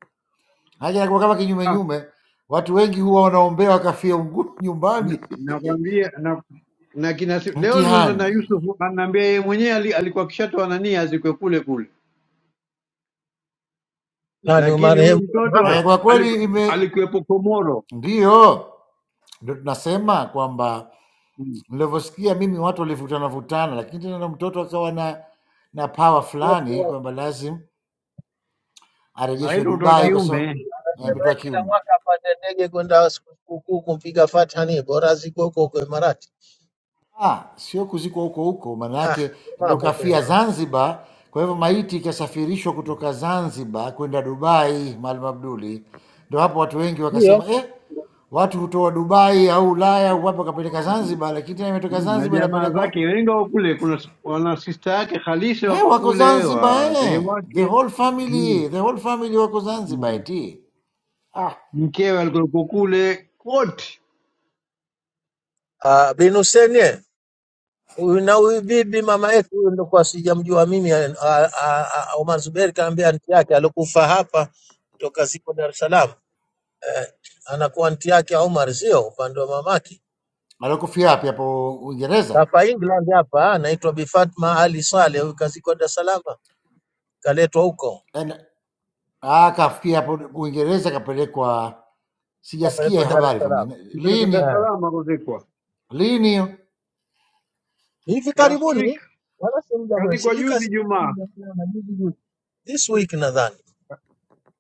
[SPEAKER 6] haki inakuwa kama kinyume
[SPEAKER 5] Ah,
[SPEAKER 6] nyume. Watu wengi huwa wanaombea wakafia ungu-
[SPEAKER 5] Na-
[SPEAKER 6] nyumbani
[SPEAKER 5] nakwambia na, na kina, si,
[SPEAKER 6] <laughs>
[SPEAKER 5] leo nime- na
[SPEAKER 6] mtihani.
[SPEAKER 5] Yusuf ananiambia yeye mwenyewe ali- alikuwa kishatoa nani azikwe kule kule,
[SPEAKER 4] Nani
[SPEAKER 5] lakini huyu
[SPEAKER 4] marehemu
[SPEAKER 5] mtoto a-
[SPEAKER 6] E,
[SPEAKER 4] Mohamed
[SPEAKER 6] kwa
[SPEAKER 5] aliku-
[SPEAKER 6] kweli ime
[SPEAKER 5] alikuwepo Komoro
[SPEAKER 6] ndiyo ndo tunasema kwamba
[SPEAKER 5] Mm.
[SPEAKER 6] nilivyosikia mimi watu walivutana vutana, lakini tena na mtoto akawa na na power
[SPEAKER 4] anasema
[SPEAKER 6] fulani kwamba lazim
[SPEAKER 5] na yeye
[SPEAKER 6] arejeshwe
[SPEAKER 5] ni mtoto wa
[SPEAKER 6] Dubai
[SPEAKER 4] anasema
[SPEAKER 6] kwa sababu
[SPEAKER 5] kiume
[SPEAKER 6] eh, ametoa
[SPEAKER 4] kila
[SPEAKER 6] kiume.
[SPEAKER 4] mwaka apande ndege kwenda sikukuu kumpiga Fatha, ni bora ziko huko kwa Imarati.
[SPEAKER 6] Ah, sio kuzikwa huko huko, maana
[SPEAKER 4] Ah,
[SPEAKER 6] yake ndo
[SPEAKER 4] mambo
[SPEAKER 6] kafia
[SPEAKER 4] tena
[SPEAKER 6] Zanzibar. Kwa hivyo maiti ikasafirishwa kutoka Zanzibar kwenda Dubai, Maalim Abduli. Ndo hapo watu wengi
[SPEAKER 4] ndio
[SPEAKER 6] wakasema eh, watu hutoa Dubai au Ulaya au wapi wakapeleka Zanzibar, lakini tena imetoka
[SPEAKER 5] Mm, na
[SPEAKER 6] Zanzibar
[SPEAKER 5] jamaa
[SPEAKER 6] inapelekwa
[SPEAKER 5] zake wengi wako kule, kuna s- wana sista yake halisi
[SPEAKER 6] eh,
[SPEAKER 5] wako
[SPEAKER 6] wako
[SPEAKER 5] kule,
[SPEAKER 6] Zanzibar
[SPEAKER 5] wazee
[SPEAKER 6] eh, the
[SPEAKER 5] wake
[SPEAKER 6] whole
[SPEAKER 5] Mm,
[SPEAKER 6] family, the whole family wako Zanzibar
[SPEAKER 5] mm.
[SPEAKER 6] eti ah,
[SPEAKER 5] mkewe alikuwepo kule, wote
[SPEAKER 4] Ah, bin Hussein Huyu na huyu bibi mama yetu huyu ndo kwa sijamjua mimi a- a- a- Omar Zuberi kaambia anti yake alikufa hapa kutoka ziko Dar es Salaam eh, anakuwa anti yake Omar sio upande wa mamake
[SPEAKER 6] alikufia wapi hapo Uingereza?
[SPEAKER 4] kafa England hapa anaitwa Bi Fatma Ali Saleh huyu kazikwa Dar es Salaam kaletwa huko
[SPEAKER 6] En- Ah, kafia hapo Uingereza, kapelekwa. Sijasikia
[SPEAKER 4] kapelekwa
[SPEAKER 6] hiyo
[SPEAKER 4] Dar es
[SPEAKER 6] habari kwa
[SPEAKER 4] Salaam
[SPEAKER 6] mimi.
[SPEAKER 5] mpeleka Dar es
[SPEAKER 6] Lini?
[SPEAKER 4] eh.
[SPEAKER 5] Salaam akuzikwa
[SPEAKER 6] lini hiyo?
[SPEAKER 4] Hivi
[SPEAKER 5] last week,
[SPEAKER 4] karibuni wala si muda mrefu
[SPEAKER 5] kazikwa
[SPEAKER 4] sijui
[SPEAKER 5] juzi
[SPEAKER 4] kazikwa nini
[SPEAKER 5] Jumaa
[SPEAKER 4] Dar es Salaam juzi juzi this week nadhani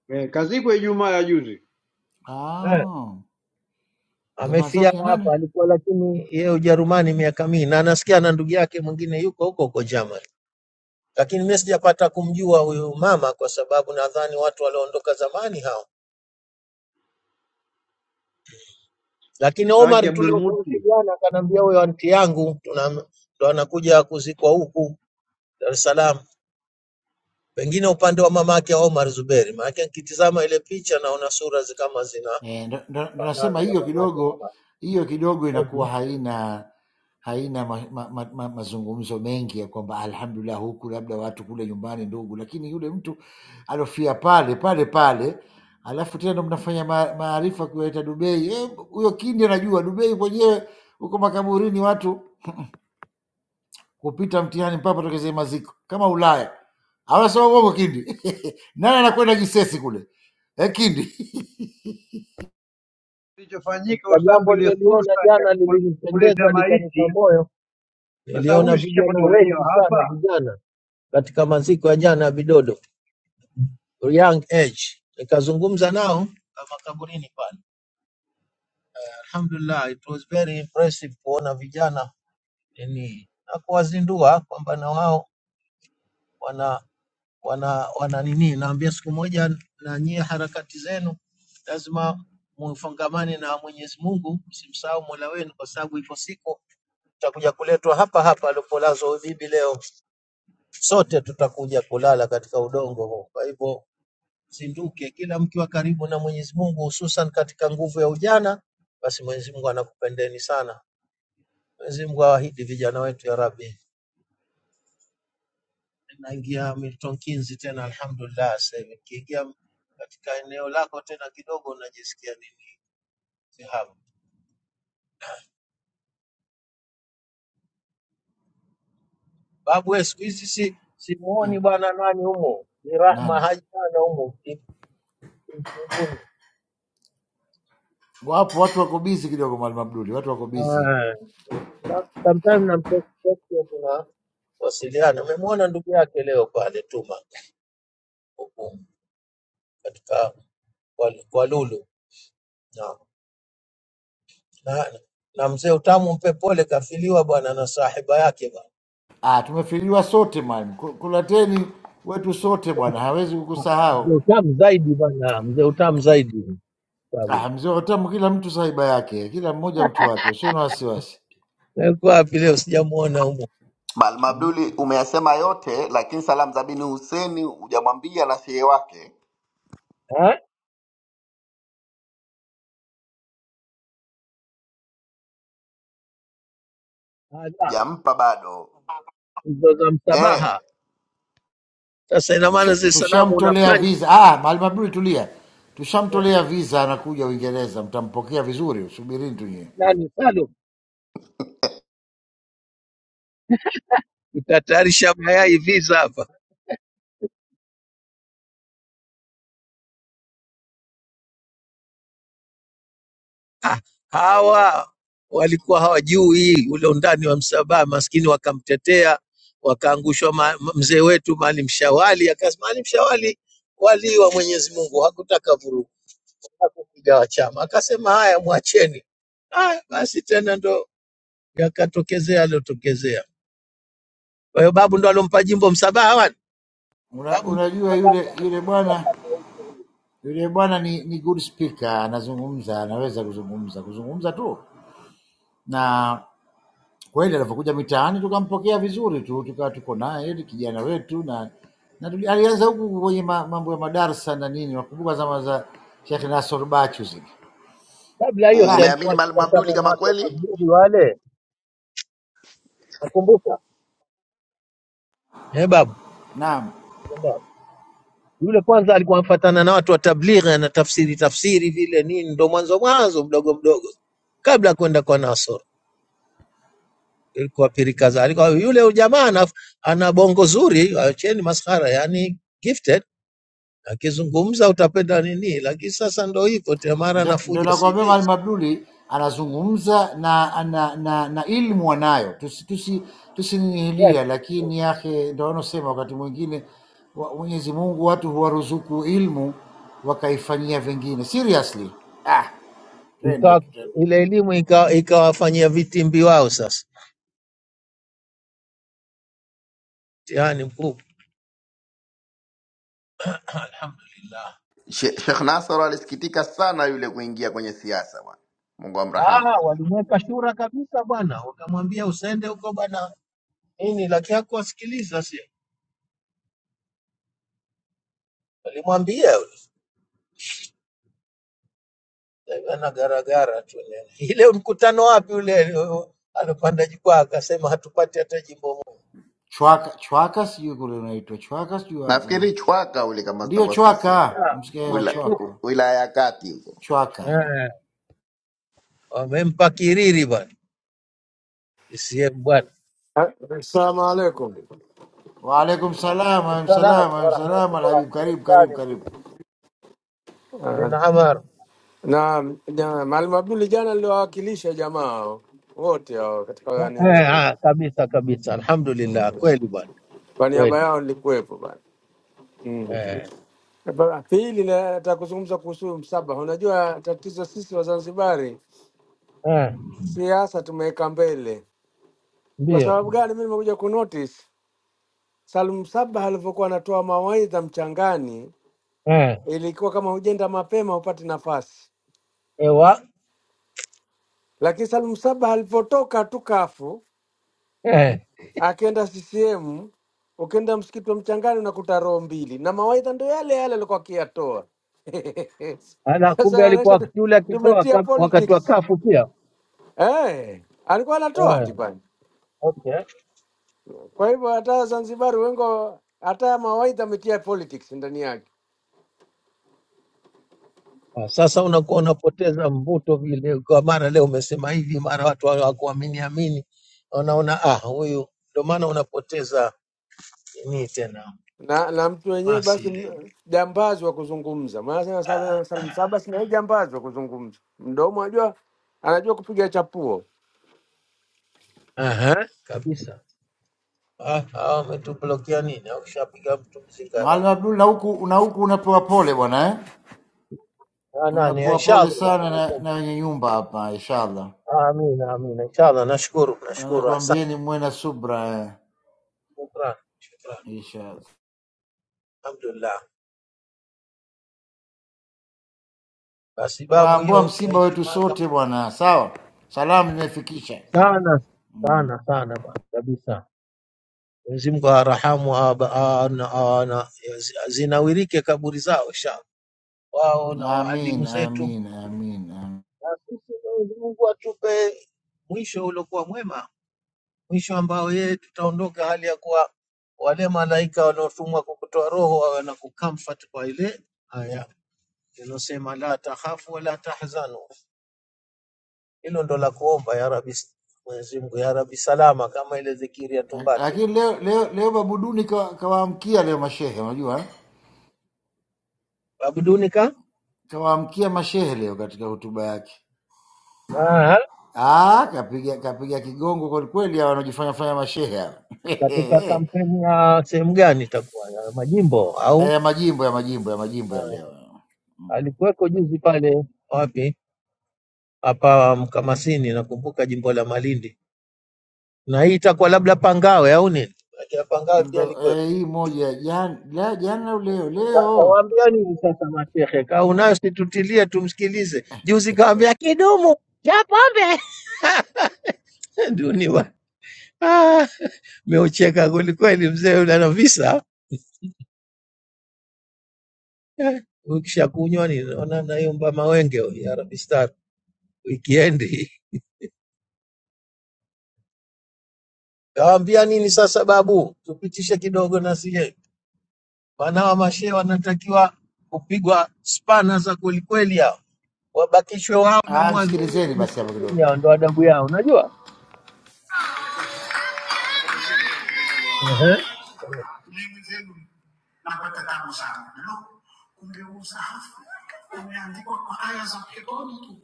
[SPEAKER 5] eh, kazikwa Ijumaa ya juzi.
[SPEAKER 4] Eh,
[SPEAKER 6] Ah, jamaa zao
[SPEAKER 4] amefia
[SPEAKER 6] kina nani?
[SPEAKER 4] hapa, alikuwa lakini yeye Ujerumani miaka mingi, na anasikia na ndugu yake mwingine yuko huko huko Germany, lakini mimi sijapata kumjua huyu mama kwa sababu nadhani watu walioondoka zamani hao. Lakini
[SPEAKER 5] Shtaki
[SPEAKER 4] Omar
[SPEAKER 5] Abdul Muti
[SPEAKER 4] tuliowasiliana, akaniambia huyo anti yangu tuna ndo anakuja kuzikwa huku Dar es Salaam, pengine upande wa mamake Omar Zuberi. Maana nikitizama ile picha naona sura zi- kama zinafanana
[SPEAKER 6] Eh, ndo ndo- ndo nasema
[SPEAKER 4] na
[SPEAKER 6] hiyo
[SPEAKER 4] mamake
[SPEAKER 6] kidogo,
[SPEAKER 4] Omar.
[SPEAKER 6] hiyo kidogo inakuwa
[SPEAKER 4] Maybe.
[SPEAKER 6] haina haina ma, ma, ma, ma, mazungumzo mengi ya kwamba alhamdulillah, huku labda watu kule nyumbani ndugu, lakini yule mtu alofia pale pale pale, alafu tena ndo mnafanya ma- maarifa kuwaita Dubai. Eh, Huyo kindi anajua Dubai kwenyewe huko makaburini watu kupita mtihani mpaka patokezee maziko kama Ulaya. Hawasema uongo kindi. <laughs> Nani anakwenda Gisesi kule eh, kindi <laughs>
[SPEAKER 5] kilichofanyika
[SPEAKER 4] Katika
[SPEAKER 5] kwa sababu
[SPEAKER 4] jambo
[SPEAKER 5] ile
[SPEAKER 4] nililiona
[SPEAKER 5] fursa ya
[SPEAKER 4] jana
[SPEAKER 5] kul- kuleta
[SPEAKER 4] lilinipendeza likanipa
[SPEAKER 5] maiti,
[SPEAKER 4] moyo
[SPEAKER 5] kwa sababu
[SPEAKER 4] Niliona
[SPEAKER 5] huyu sikia
[SPEAKER 4] vijana
[SPEAKER 5] mpaka uraia
[SPEAKER 4] wengi
[SPEAKER 5] wa hapa
[SPEAKER 4] sana vijana katika maziko ya jana ya Bidodo, young age. Nikazungumza nao na makaburini pale. Alhamdulillah, it was very impressive kuona vijana yani, na kuwazindua kwamba na wao wana wana wana nini. Naambia siku moja na nyie harakati zenu lazima mufungamane na Mwenyezi Mungu, msimsahau Mola wenu, kwa sababu iko siku utakuja kuletwa hapa hapa alipolazwa huyu bibi leo sote tutakuja kulala katika udongo huu. Kwa hivyo zinduke, kila mkiwa karibu na Mwenyezi Mungu, hususan katika nguvu ya ujana, basi Mwenyezi Mungu anakupendeni sana. Mwenyezi Mungu awahidi vijana wetu, ya Rabbi. Naingia Milton Keynes tena, alhamdulillah. Sasa hivi nikiingia katika eneo lako tena kidogo, najisikia nini zihabu babu wewe, siku hizi si
[SPEAKER 6] Eh,
[SPEAKER 4] simuoni bwana nani humo, ni
[SPEAKER 6] nani?
[SPEAKER 4] Rahma Haji bwana humo mti- mti- mtibuni.
[SPEAKER 6] Wapo watu wako bizi kidogo, mwalimu Abduli, watu wako bizi.
[SPEAKER 4] Ah, na- Sometimes namtext wasiliana. Umemwona ndugu yake leo pale Tuma huku katika kwa kwa Lulu na, na, na mzee utamu mpe pole, kafiliwa bwana na sahiba yake bwana
[SPEAKER 6] Ah, tumefiliwa sote mwalimu, Ku- kulateni wetu sote bwana, hawezi
[SPEAKER 4] Ah,
[SPEAKER 6] kukusahau.
[SPEAKER 4] Mzee utamu zaidi bwana, mzee utamu zaidi sababu
[SPEAKER 6] Ah, mzee wa utamu, kila mtu saiba yake, kila mmoja mtu wake, usio na wasiwasi.
[SPEAKER 4] yuko wapi leo? Sijamuona humo.
[SPEAKER 2] Malma Abduli, umeyasema yote, lakini salamu za bin Huseni hujamwambia na shehe wake
[SPEAKER 4] eh, ala,
[SPEAKER 2] jampa bado
[SPEAKER 4] hizo za
[SPEAKER 2] eh.
[SPEAKER 4] msabaha. Sasa ina maana
[SPEAKER 6] Tusha-
[SPEAKER 4] zile salamu una
[SPEAKER 6] Tushamtolea
[SPEAKER 4] punch
[SPEAKER 6] visa. Ah, mwalimu Abduli, tulia,
[SPEAKER 4] eh,
[SPEAKER 6] tushamtolea visa, anakuja Uingereza, mtampokea vizuri, subirini tu nyie.
[SPEAKER 4] nani Salum, tutatayarisha mayai visa hapa. Ah, hawa walikuwa hawajui ule undani wa msabaa, maskini wakamtetea, wakaangushwa ma- m- mzee wetu Maalim Shawali. Akasema Maalim Shawali walii wa Mwenyezi Mungu, hakutaka vurugu, hakukugawa chama, akasema haya, mwacheni. Haya basi, tena ndo yakatokezea aliyotokezea. Kwa hiyo babu ndo alompa jimbo Msabaha wani
[SPEAKER 6] Una,
[SPEAKER 4] babu ndo alompa
[SPEAKER 6] unajua yule
[SPEAKER 4] baba,
[SPEAKER 6] yule
[SPEAKER 4] anakuwa
[SPEAKER 6] bwana
[SPEAKER 4] kama huyo.
[SPEAKER 6] yule bwana ni, ni good speaker, anazungumza, anaweza kuzungumza kuzungumza tu, na kweli alivyokuja mitaani tukampokea vizuri tu, tukawa tuko naye ni kijana wetu na, na tuli- alianza huku kwenye ma- mambo ya madarsa na nini, nakumbuka zama za Sheikh Nasor Bachu zile.
[SPEAKER 4] kabla hiyo si
[SPEAKER 6] Ah,
[SPEAKER 2] Umeamini
[SPEAKER 4] alikuwa
[SPEAKER 2] Malma Abduli
[SPEAKER 4] akipatana na
[SPEAKER 2] kama
[SPEAKER 4] watu wa
[SPEAKER 2] kweli?
[SPEAKER 4] tablighi wale, wakumbuka eh babu?
[SPEAKER 6] naam
[SPEAKER 4] Yule kwanza alikuwa amfatana na watu wa tablighi, ana tafsiri tafsiri vile nini, ndo mwanzo mwanzo mdogo mdogo, kabla ya kwenda kwa Nasor ilikuwa pirikaza. Alikuwa yule jamaa ana, ana bongo zuri, acheni maskhara, yani gifted. Akizungumza utapenda nini, lakini sasa ndo hivyo tena, mara
[SPEAKER 6] Ndo ndo
[SPEAKER 4] anafuja CV.
[SPEAKER 6] nakwambia
[SPEAKER 4] Yes.
[SPEAKER 6] Mwalimu Abduli anazungumza na na, na, na ilmu anayo, tusi tusi tusinihilia, lakini yake ndo wanaosema wakati mwingine wa- Mwenyezi Mungu watu huwaruzuku ilmu wakaifanyia vingine. Seriously, ah, twende
[SPEAKER 4] Ikawa
[SPEAKER 6] tu tena.
[SPEAKER 4] ile elimu ika- ikawafanyia vitimbi wao sasa, mtihani mkubwa. Alhamdulillah.
[SPEAKER 2] She- Sheikh Nasoro alisikitika sana yule kuingia kwenye siasa bwana, Mungu amrahamu.
[SPEAKER 4] Ah, walimweka shura kabisa bwana, wakamwambia usende huko bwana nini, lakini hakuwasikiliza, si alimwambia yule, ana garagara tu <laughs> nene. Ile mkutano wapi ule alio- alopanda jukwaa akasema hatupati hata jimbo moja,
[SPEAKER 6] Chwaka chwaka, sijui kule unaitwa chwaka, sijui wapi,
[SPEAKER 2] Nafikiri chwaka ule, kama
[SPEAKER 6] ndio
[SPEAKER 2] sitakuwa sikosea,
[SPEAKER 6] chwaka,
[SPEAKER 4] Dada,
[SPEAKER 6] msikia wa
[SPEAKER 2] Wila-
[SPEAKER 4] tu.
[SPEAKER 6] chwako
[SPEAKER 2] wilaya ya kati huko.
[SPEAKER 6] chwaka.
[SPEAKER 4] Eh, wamempa kiriri bwana CCM bwana.
[SPEAKER 7] Assalamu alaikum.
[SPEAKER 6] Waalaikum salam, waalaikum
[SPEAKER 4] Wassalamu
[SPEAKER 6] salam, waalaikum salam. Alhabib,
[SPEAKER 4] warahmatullahi
[SPEAKER 6] karibu karibu
[SPEAKER 4] wabarakatuh
[SPEAKER 6] karibu.
[SPEAKER 7] Ah,
[SPEAKER 4] bin Amar.
[SPEAKER 7] Na, na Maalim Abduli jana niliwawakilisha jamaa hao wote hao katika
[SPEAKER 4] Eh, eh,
[SPEAKER 7] nini
[SPEAKER 4] ah, kabisa kabisa, alhamdulillah,
[SPEAKER 7] mm.
[SPEAKER 4] kweli bwana,
[SPEAKER 7] Kwa niaba
[SPEAKER 4] kweli
[SPEAKER 7] yao nilikuwepo bana mm.
[SPEAKER 4] eh,
[SPEAKER 7] Ba- Pili na- nataka kuzungumza kuhusu msabaha. Unajua tatizo sisi Wazanzibari,
[SPEAKER 4] eh,
[SPEAKER 7] siasa tumeweka mbele. Kwa
[SPEAKER 4] ndio
[SPEAKER 7] sababu gani? Mimi nimekuja kunotice Salum Msabaha alivyokuwa anatoa mawaidha mchangani,
[SPEAKER 4] eh,
[SPEAKER 7] ilikuwa kama hujenda mapema hupati nafasi,
[SPEAKER 4] ewa
[SPEAKER 7] lakini Salum Msabaha alivyotoka tu kafu
[SPEAKER 4] eh.
[SPEAKER 7] Akaenda CCM, ukienda msikiti wa Mchangani unakuta roho mbili, na mawaidha ndo yale yale alikuwa akiyatoa. <laughs>
[SPEAKER 4] Ala,
[SPEAKER 7] Sasa
[SPEAKER 4] kumbe alikuwa
[SPEAKER 7] inaonyesha tu-
[SPEAKER 4] wakati ule akitoa
[SPEAKER 7] tumetia
[SPEAKER 4] kaf- wakati wa
[SPEAKER 7] politics
[SPEAKER 4] kafu pia
[SPEAKER 7] eh, alikuwa anatoa
[SPEAKER 4] eh,
[SPEAKER 7] tipani.
[SPEAKER 4] okay.
[SPEAKER 7] Kwa hivyo hata Wazanzibari wengi wa- hata mawaidha ametia politics ndani yake
[SPEAKER 4] Ah, Sasa unakuwa unapoteza mvuto vile, kwa mara leo umesema hivi, mara watu hawakuamini amini, wanaona ah, huyu ndio maana unapoteza nini tena
[SPEAKER 7] na na mtu wenyewe
[SPEAKER 4] masi
[SPEAKER 7] basi
[SPEAKER 4] ile.
[SPEAKER 7] m- jambazi wa kuzungumza, maana sana Salim Salim Sabas na yeye jambazi wa kuzungumza, mdomo ajua anajua kupiga chapuo.
[SPEAKER 4] Aha, kabisa. Ah, hawa wametublokia nini? Au kishapiga mtu mzingara
[SPEAKER 6] Malma Blue na huku na huku unapewa pole bwana eh?
[SPEAKER 4] Ah, nani?
[SPEAKER 6] Unapewa
[SPEAKER 4] Inshallah
[SPEAKER 6] pole
[SPEAKER 4] bwana.
[SPEAKER 6] sana na, na wenye nyumba hapa inshallah.
[SPEAKER 4] Amina, amina. Inshallah, nashukuru, nashukuru. Asante,
[SPEAKER 6] Anakuambieni muwe na subra eh.
[SPEAKER 4] shukran, shukran.
[SPEAKER 6] Inshallah.
[SPEAKER 4] Alhamdulillah. Basi babu
[SPEAKER 6] Unaambua
[SPEAKER 4] hiyo ya
[SPEAKER 6] msiba wetu
[SPEAKER 4] Ijumaa kama-
[SPEAKER 6] sote bwana, sawa? Salamu nimefikisha.
[SPEAKER 4] sana sana sana bwana, kabisa. Mwenyezi Mungu awarahamu aba- a- na- a- na- zinawirike kaburi zao insha wao na waalimu
[SPEAKER 6] Amin,
[SPEAKER 4] zetu,
[SPEAKER 6] amin, amin. amin.
[SPEAKER 4] na sisi Mwenyezi Mungu atupe mwisho uliokuwa mwema, mwisho ambao yeye tutaondoka hali ya kuwa wale malaika wanaotumwa kwa kutoa roho wawe na kucomfort kwa ile aya inayosema la takhafu wala tahzanu. Hilo ndo la kuomba ya Rabbi, Mwenyezi Mungu ya Rabbi salama, kama ile dhikiri ya Tumbatu
[SPEAKER 6] Lakini leo leo leo Babuduni kawaamkia ka kawaamkia leo mashehe, unajua? eh?
[SPEAKER 4] abuduni ka
[SPEAKER 6] Kawaamkia mashehe leo katika hotuba yake. Ah, kapiga kapiga kigongo kwa kweli hawa wanaojifanya fanya mashehe hawa.
[SPEAKER 4] katika
[SPEAKER 6] <laughs>
[SPEAKER 4] kampeni ya sehemu gani itakuwa ya majimbo au
[SPEAKER 6] eh, ya majimbo ya majimbo ya majimbo ya
[SPEAKER 4] uh,
[SPEAKER 6] leo Mm.
[SPEAKER 4] alikuweko juzi pale wapi hapa Mkamasini, nakumbuka jimbo la Malindi, na hii itakuwa labda Pangawe au nini? Lakini Pangawe pia
[SPEAKER 6] ndo
[SPEAKER 4] alikuwepo.
[SPEAKER 6] eh, hii moja ya jan, la jana au leo leo.
[SPEAKER 4] Sasa waambia nini sasa mashehe, kaa unayo situtilie, tumsikilize. Juzi kaambia kidumu cha pombe <laughs> nduni wa ah, meucheka kwelikweli mzee yule ana visa Eh, ukishakunywa ni naona naomba mawenge ya Arabistar weekend Kawambia nini sasa babu, tupitishe kidogo na sie wana wa mashehe wanatakiwa kupigwa spana za kwelikweli, hao wabakishwe wao na
[SPEAKER 6] Ah,
[SPEAKER 4] mwadhini
[SPEAKER 6] msikilizeni basi hapo kidogo.
[SPEAKER 4] kimsikitini, hao ndo adabu yao, unajua Ehe.
[SPEAKER 6] Mimi zenu napata tabu sana Lo, kungeuza hafu umeandikwa kwa aya za peponi tu.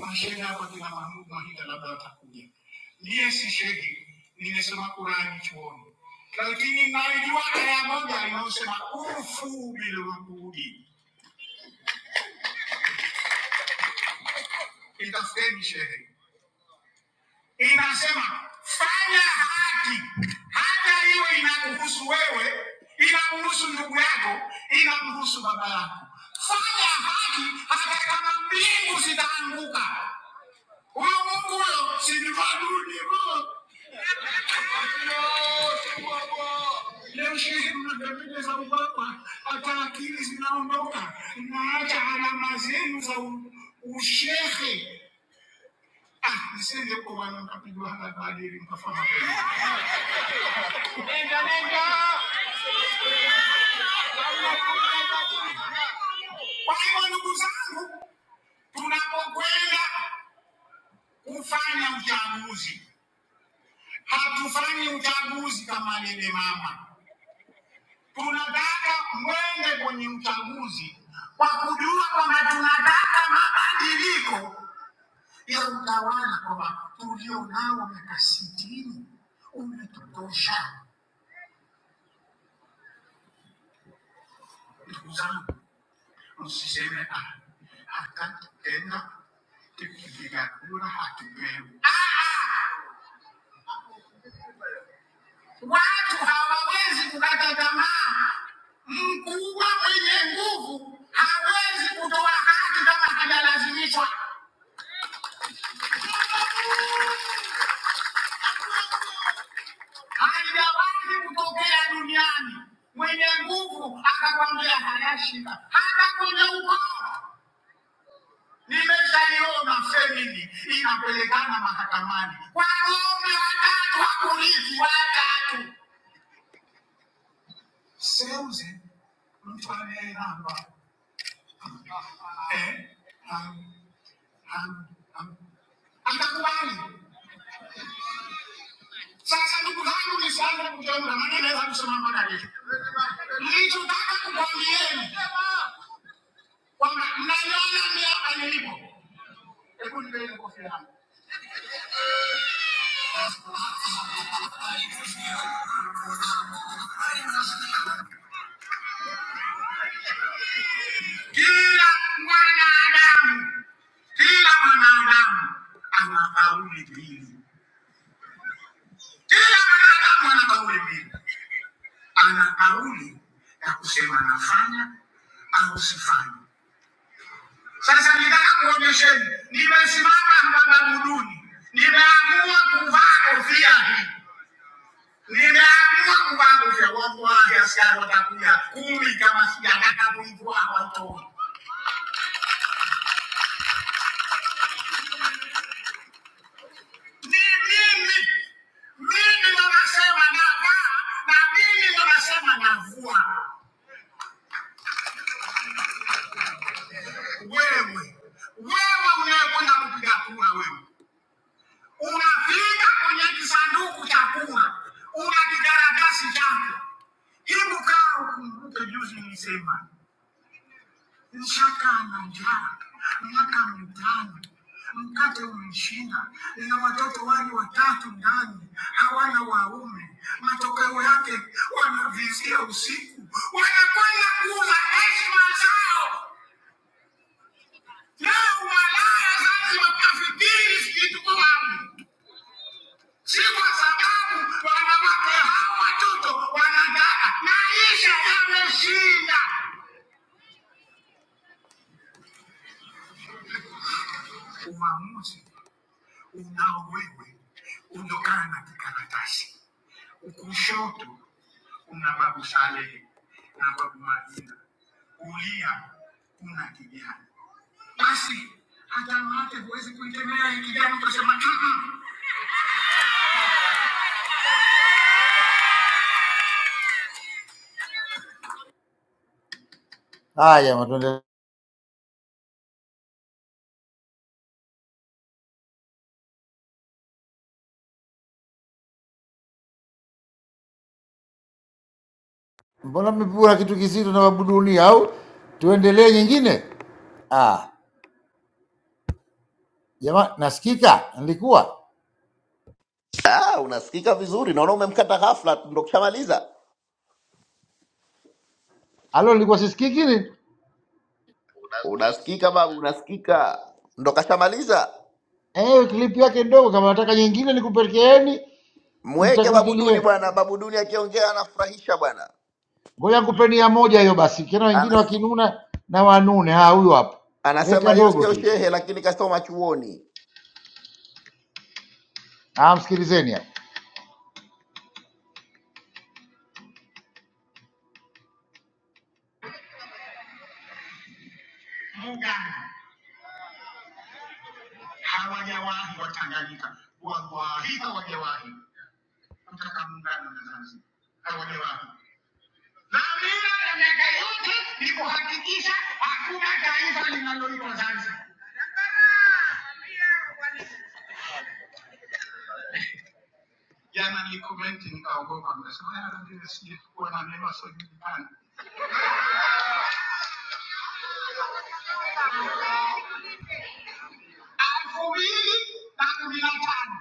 [SPEAKER 6] Mashehe hapa kina Mahmud Mahida labda watakuja. Ndiye si shehe, nimesoma Qurani chuoni, lakini najua aya moja inayosema ufu bil uqudi. Itafuteni shehe inasema fanya haki, hata iwe inakuhusu wewe, inamhusu ndugu yako, inamhusu baba yako. Fanya haki hata kama mbingu zitaanguka. Huyo Mungu huyo si ni waduni huyo. Wakina wote huogo. Leo shehe mnakamileza za ubaba, hata akili zinaondoka, mnaacha alama zenu za u- ushehe. Ah, nisende kwa wana mkapigwa hapa badili mkafahamu. Nenda, nenda. Kwa hivyo ndugu zangu, tunapokwenda kufanya uchaguzi, hatufanyi uchaguzi kama lele mama. Tunataka mwende kwenye uchaguzi kwa kujua kwamba tunataka mabadiliko ya utawala, kwamba tulionao miaka sitini umetutosha. Ndugu zangu, Usiseme "Ah, hataki tena tukipiga kura hatupewi. Ah, ah, watu hawawezi kukata tamaa. Mkubwa mwenye nguvu hawezi kutoa haki kama hajalazimishwa. Haijawahi kutokea duniani mwenye nguvu akakwambia hayashika hata kwenye ukoo. Nimeshaiona semini inapelekana mahakamani, wanaume watatu wa polisi watatu. Seuze mtu anayelamba Eh, am- am- am- atakubali. Sasa ndugu zangu, nisianze kuteua, maana naweza kusema mpaka kesho. Nilichotaka kukwambieni kwamba mnaiona mimi hapa nilipo. Hebu nipeeni kofia yangu. Kila mwanadamu, kila mwanadamu ana kauli mbili. Kila mwanadamu ana kauli mbili, ana kauli ya kusema nafanya au sifanya. Sasa nitaka kuonyesheni, nimesimama Mbagabuduni, nimeamua kuvaa kofia hii, nimeamua kuvaa kofia. Watu wa askari watakuja kumi, kama sijataka kuivua hawataona. Ni mimi, mimi ndo nasema navaa na mimi ndo nasema navua. Wewe, wewe unayekwenda kupiga kura, wewe unafika kwenye kisanduku cha kura, una kikaratasi chako. Hebu kaa ukumbuke juzi nilisema Nshaka ana njaa miaka mitano, mkate umemshinda, ina watoto wake watatu ndani, hawana waume. Matokeo yake wanavizia usiku, wanakwenda kuuza heshima zao. Leo umalaya lazima kafikiri sikitu kwa wapi, si kwa sababu wanawake hawa watoto wanadada na isha yameshinda uamuzi unao wewe ulokaa na kikaratasi. Kushoto kuna babu Saleh na babu Madina, kulia kuna kijana. Basi hata mate huwezi kuikemea hii kijana, utasema "Mm-mm." haya. Matunda, mbona mmepura kitu kizito na babu dunia? Au tuendelee nyingine? Ah, jamaa, nasikika nilikuwa
[SPEAKER 2] Ah, unasikika vizuri, naona umemkata ghafla, tu, ndo kushamaliza.
[SPEAKER 6] alo, nilikuwa sisikiki ni
[SPEAKER 2] Unasikika babu, unasikika, ndo kashamaliza.
[SPEAKER 6] eh, klipu yake ndogo. Kama nataka nyingine nikupelekeeni
[SPEAKER 2] Mweke babu Duni
[SPEAKER 6] mtakulikilie.
[SPEAKER 2] bwana. Babu Duni akiongea anafurahisha bwana,
[SPEAKER 6] Ngoja kupeni ya moja hiyo basi, kina wengine
[SPEAKER 2] Ana,
[SPEAKER 6] wakinuna na wanune. Ah, huyu hapo,
[SPEAKER 2] anasema
[SPEAKER 6] dakika
[SPEAKER 2] yeye
[SPEAKER 6] ndogo
[SPEAKER 2] sio
[SPEAKER 6] tu hizi.
[SPEAKER 2] shehe, lakini kasoma chuoni
[SPEAKER 6] Ah, msikilizeni hapo. Muungano hawajawahi Watanganyika, wallahi hawajawahi kutaka muungano na Zanzibar, hawajawahi. Dhamira ya miaka yote ni kuhakikisha hakuna taifa linaloitwa Zanzibar. Jana nilikomenti nikaogopa, nikasema "Ah, vile sijui kuwa na neno asiyojulikana." elfu mbili na kumi na tano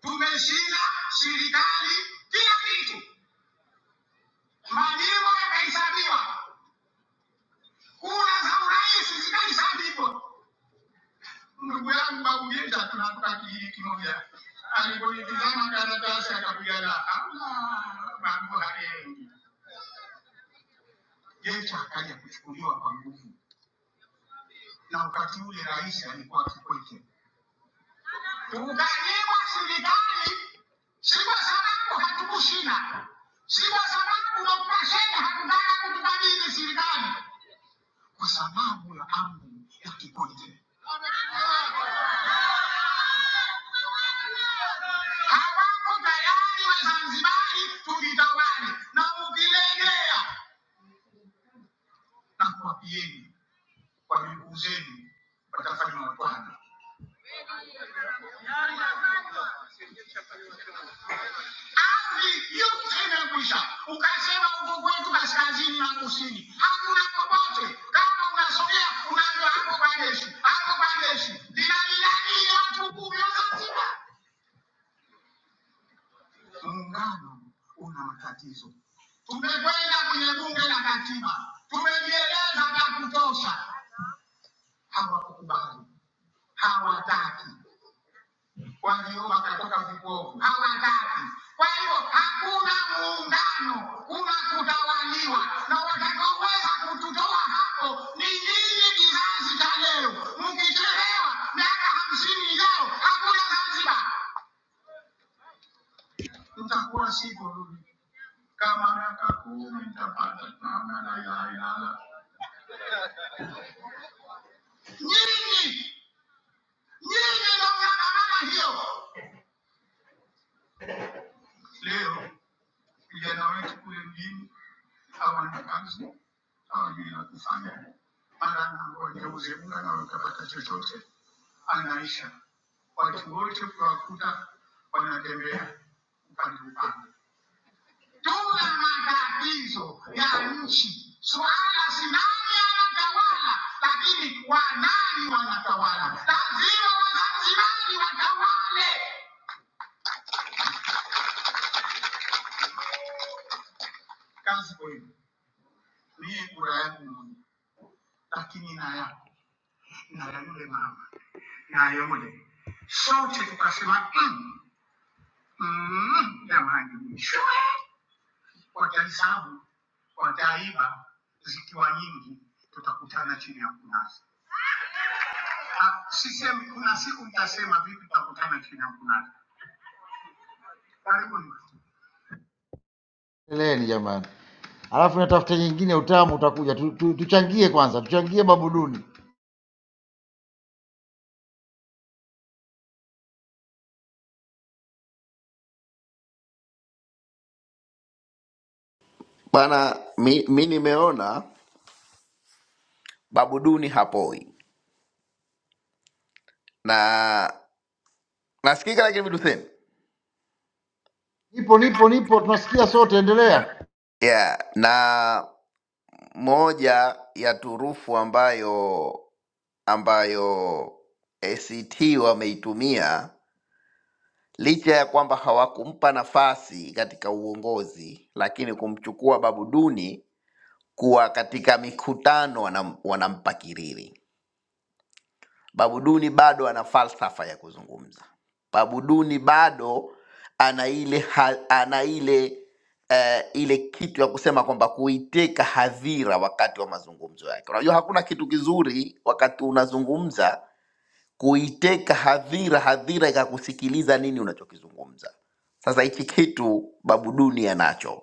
[SPEAKER 6] tumeshinda serikali kila kitu, majimbo yakahesabiwa, kura za urais zikahesabiwa. Ndugu yangu Babugeja, tunatoka kijiji kimoja, alipoitizama karatasi akapiga la mambo hayaendi. Jecha akaja kuchukuliwa kwa nguvu, na wakati ule rais alikuwa Kikwete. Kukaliwa serikali si kwa sababu hatukushinda, si kwa sababu Dr. Shein hakutaka kutukabidhi serikali, kwa sababu ya amri ya Kikwete. Hawako tayari Wazanzibari tujitawale, na ukilegea na kuwapieni kwa miguu zenu watafanywa watwana. Ardhi yote imekwisha, ukasema huko kwetu kaskazini na kusini hakuna popote. Kama unasogea unaambiwa hapo kwa jeshi, hapo kwa jeshi. Linalilani watu kumi wa Zanzibar. Muungano una matatizo. Tumekwenda kwenye bunge la katiba, tumejieleza vya kutosha, hawakukubali hawataki. waliomba wakatoka vipofu au watatu. Kwa hiyo hakuna muungano, kuna kutawaliwa, na watakaoweza kututoa hapo ni nyinyi, kizazi cha leo. Mkichelewa miaka hamsini ijayo, hakuna Zanzibar, mtakuwa siku ndugu. kama miaka kumi mtapata mama la ilaha illallah. Nyinyi nyinyi ndio mnaandamana hiyo leo Vijana wetu kule mjini hawana kazi, hawajui la kufanya, mara anangojeuze mle na utapata chochote, anaisha. Watu wote ukiwakuta wanatembea upande upande. Tuna matatizo ya nchi, swala si nani anatawala, lakini wanani wanatawala. Lazima Wazanzibari watawale. Kazi kwenu, mie kura yangu moja, lakini na yako na ya yule mama na yule, sote tukasema "Mm, mm, jamani, shwe!" watalisabu wataiba zikiwa nyingi, tutakutana chini ya mkunazi. Ah, Sisemi kuna siku mtasema vipi, tutakutana chini ya mkunazi. Karibuni. Endeleeni jamani, alafu natafuta nyingine, utamu utakuja. Tu, tu, tuchangie kwanza, tuchangie babuduni.
[SPEAKER 2] bwana. Mi, mi nimeona babu Duni hapoi na nasikika, lakini viduseni
[SPEAKER 6] Nipo nipo nipo, tunasikia sote, endelea.
[SPEAKER 2] yeah, na moja ya turufu ambayo ambayo ACT wameitumia Licha ya kwamba hawakumpa nafasi katika uongozi, lakini kumchukua Babu Duni kuwa katika mikutano wanam, wanampa kiriri. Babu Duni bado ana falsafa ya kuzungumza. Babu Duni bado ana ile ha, ana ile eh, ile kitu ya kusema kwamba kuiteka hadhira wakati wa mazungumzo yake. Unajua hakuna kitu kizuri wakati unazungumza kuiteka hadhira, hadhira ikakusikiliza nini unachokizungumza. Sasa hichi kitu Babu Duni anacho.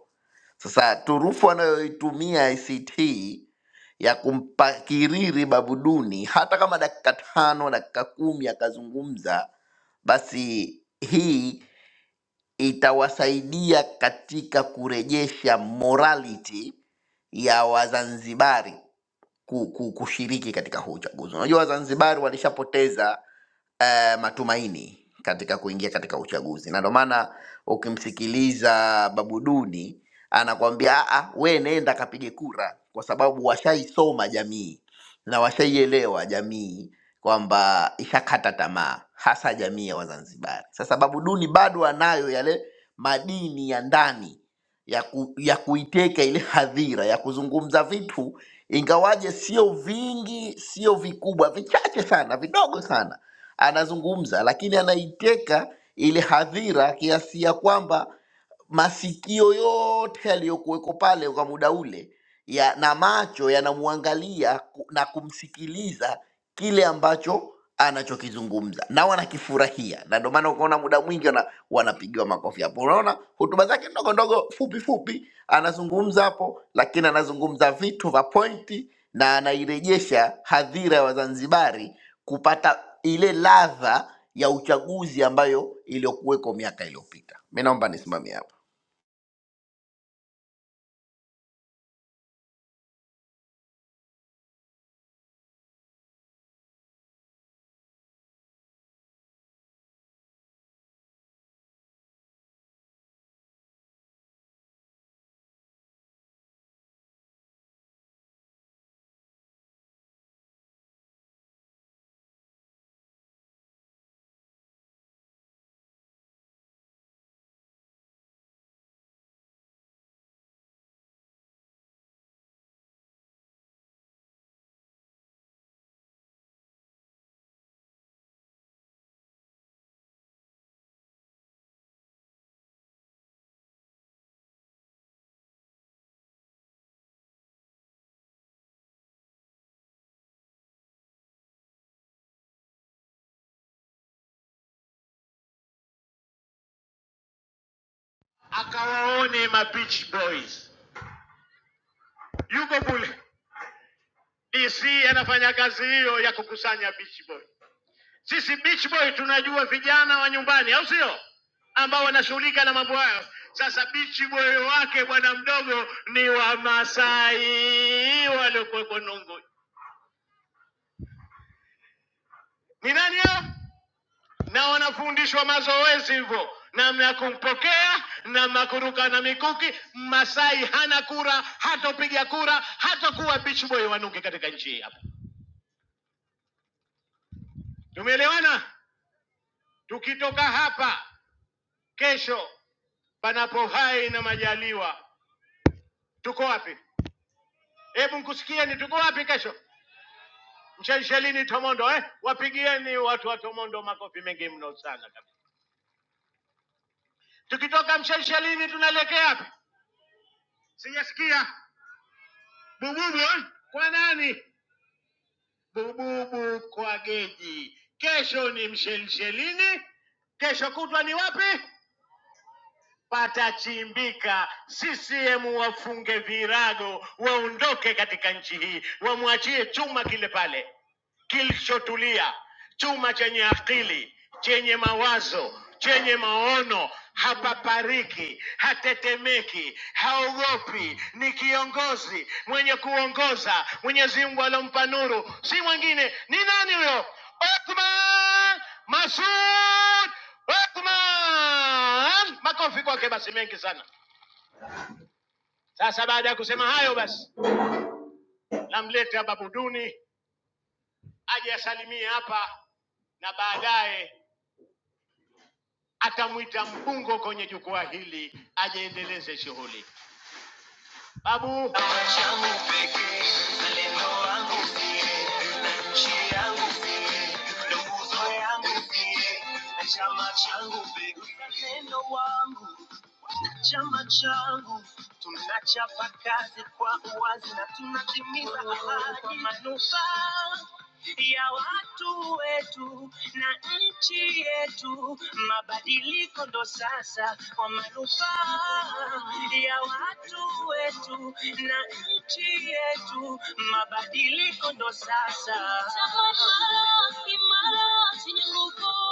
[SPEAKER 2] Sasa turufu anayoitumia ICT ya kumpa kiriri Babu Duni, hata kama dakika tano dakika kumi akazungumza, basi hii itawasaidia katika kurejesha morality ya Wazanzibari ku- ku- kushiriki katika huu uchaguzi. Unajua Wazanzibari walishapoteza eh, matumaini katika kuingia katika uchaguzi, na ndio maana ukimsikiliza Babuduni anakwambia "Ah, ah, we nenda kapige kura, kwa sababu washaisoma jamii na washaielewa jamii kwamba ishakata tamaa, hasa jamii ya Wazanzibari. Sasa Babuduni bado anayo yale madini ya ndani ya, ku, ya kuiteka ile hadhira ya kuzungumza vitu, ingawaje sio vingi, sio vikubwa, vichache sana, vidogo sana anazungumza, lakini anaiteka ile hadhira kiasi ya kwamba masikio yote yaliyokuweko pale kwa muda ule ya, na macho yanamwangalia ku- na kumsikiliza kile ambacho anachokizungumza na wanakifurahia, na ndio maana ukaona muda mwingi wana, wanapigiwa makofi hapo. Unaona hotuba zake ndogo ndogo fupi fupi anazungumza hapo, lakini anazungumza vitu vya pointi na anairejesha hadhira ya Wazanzibari kupata ile ladha ya uchaguzi ambayo iliyokuweko miaka iliyopita. Mi naomba nisimamie hapo.
[SPEAKER 6] akawaone mapitch boys yuko kule DC anafanya kazi hiyo ya kukusanya beach boy. Sisi beach boy tunajua vijana wa nyumbani, au sio, ambao wanashughulika na mambo hayo. Sasa beach boy wake bwana mdogo ni Wamasai waliokuweko Nungu. Ni nani hao? Na wanafundishwa mazoezi hivyo, namna ya kumpokea namna ya kuruka na mikuki. Masai hana kura, hatopiga kura, hatakuwa beach boy wa Nungi katika nchi hii hapa. Tumeelewana? Tukitoka hapa Kesho panapo hai na majaliwa, tuko wapi? Hebu nkusikieni, tuko wapi kesho? Mshelshelini Tomondo eh? Wapigieni watu wa Tomondo makofi mengi mno sana kabisa. Tukitoka Mshelshelini tunaelekea wapi? Sijasikia bububu eh? kwa nani? Bububu kwa geji. Kesho ni Mshelshelini, kesho kutwa ni wapi? patachimbika. CCM wafunge virago, waondoke katika nchi hii, wamwachie chuma kile pale kilichotulia, chuma chenye akili, chenye mawazo, chenye maono, hapapariki, hatetemeki, haogopi, ni kiongozi mwenye kuongoza. Mwenyezi Mungu alompa nuru, si mwingine, ni nani huyo? Othman Masud Othman. Makofi kwake basi mengi sana. Sasa baada ya kusema hayo, basi namleta Babu Duni aje asalimie hapa na baadaye atamwita mpungo kwenye jukwaa hili ajeendeleze shughuli. Babu, Chama changu pekee, uzalendo wangu Chama changu tunachapa kazi kwa uwazi na tunatimiza ahadi kwa manufaa ya watu wetu na nchi yetu. Mabadiliko ndo sasa kwa manufaa ya watu wetu na nchi yetu. Mabadiliko ndo sasa. Chama changu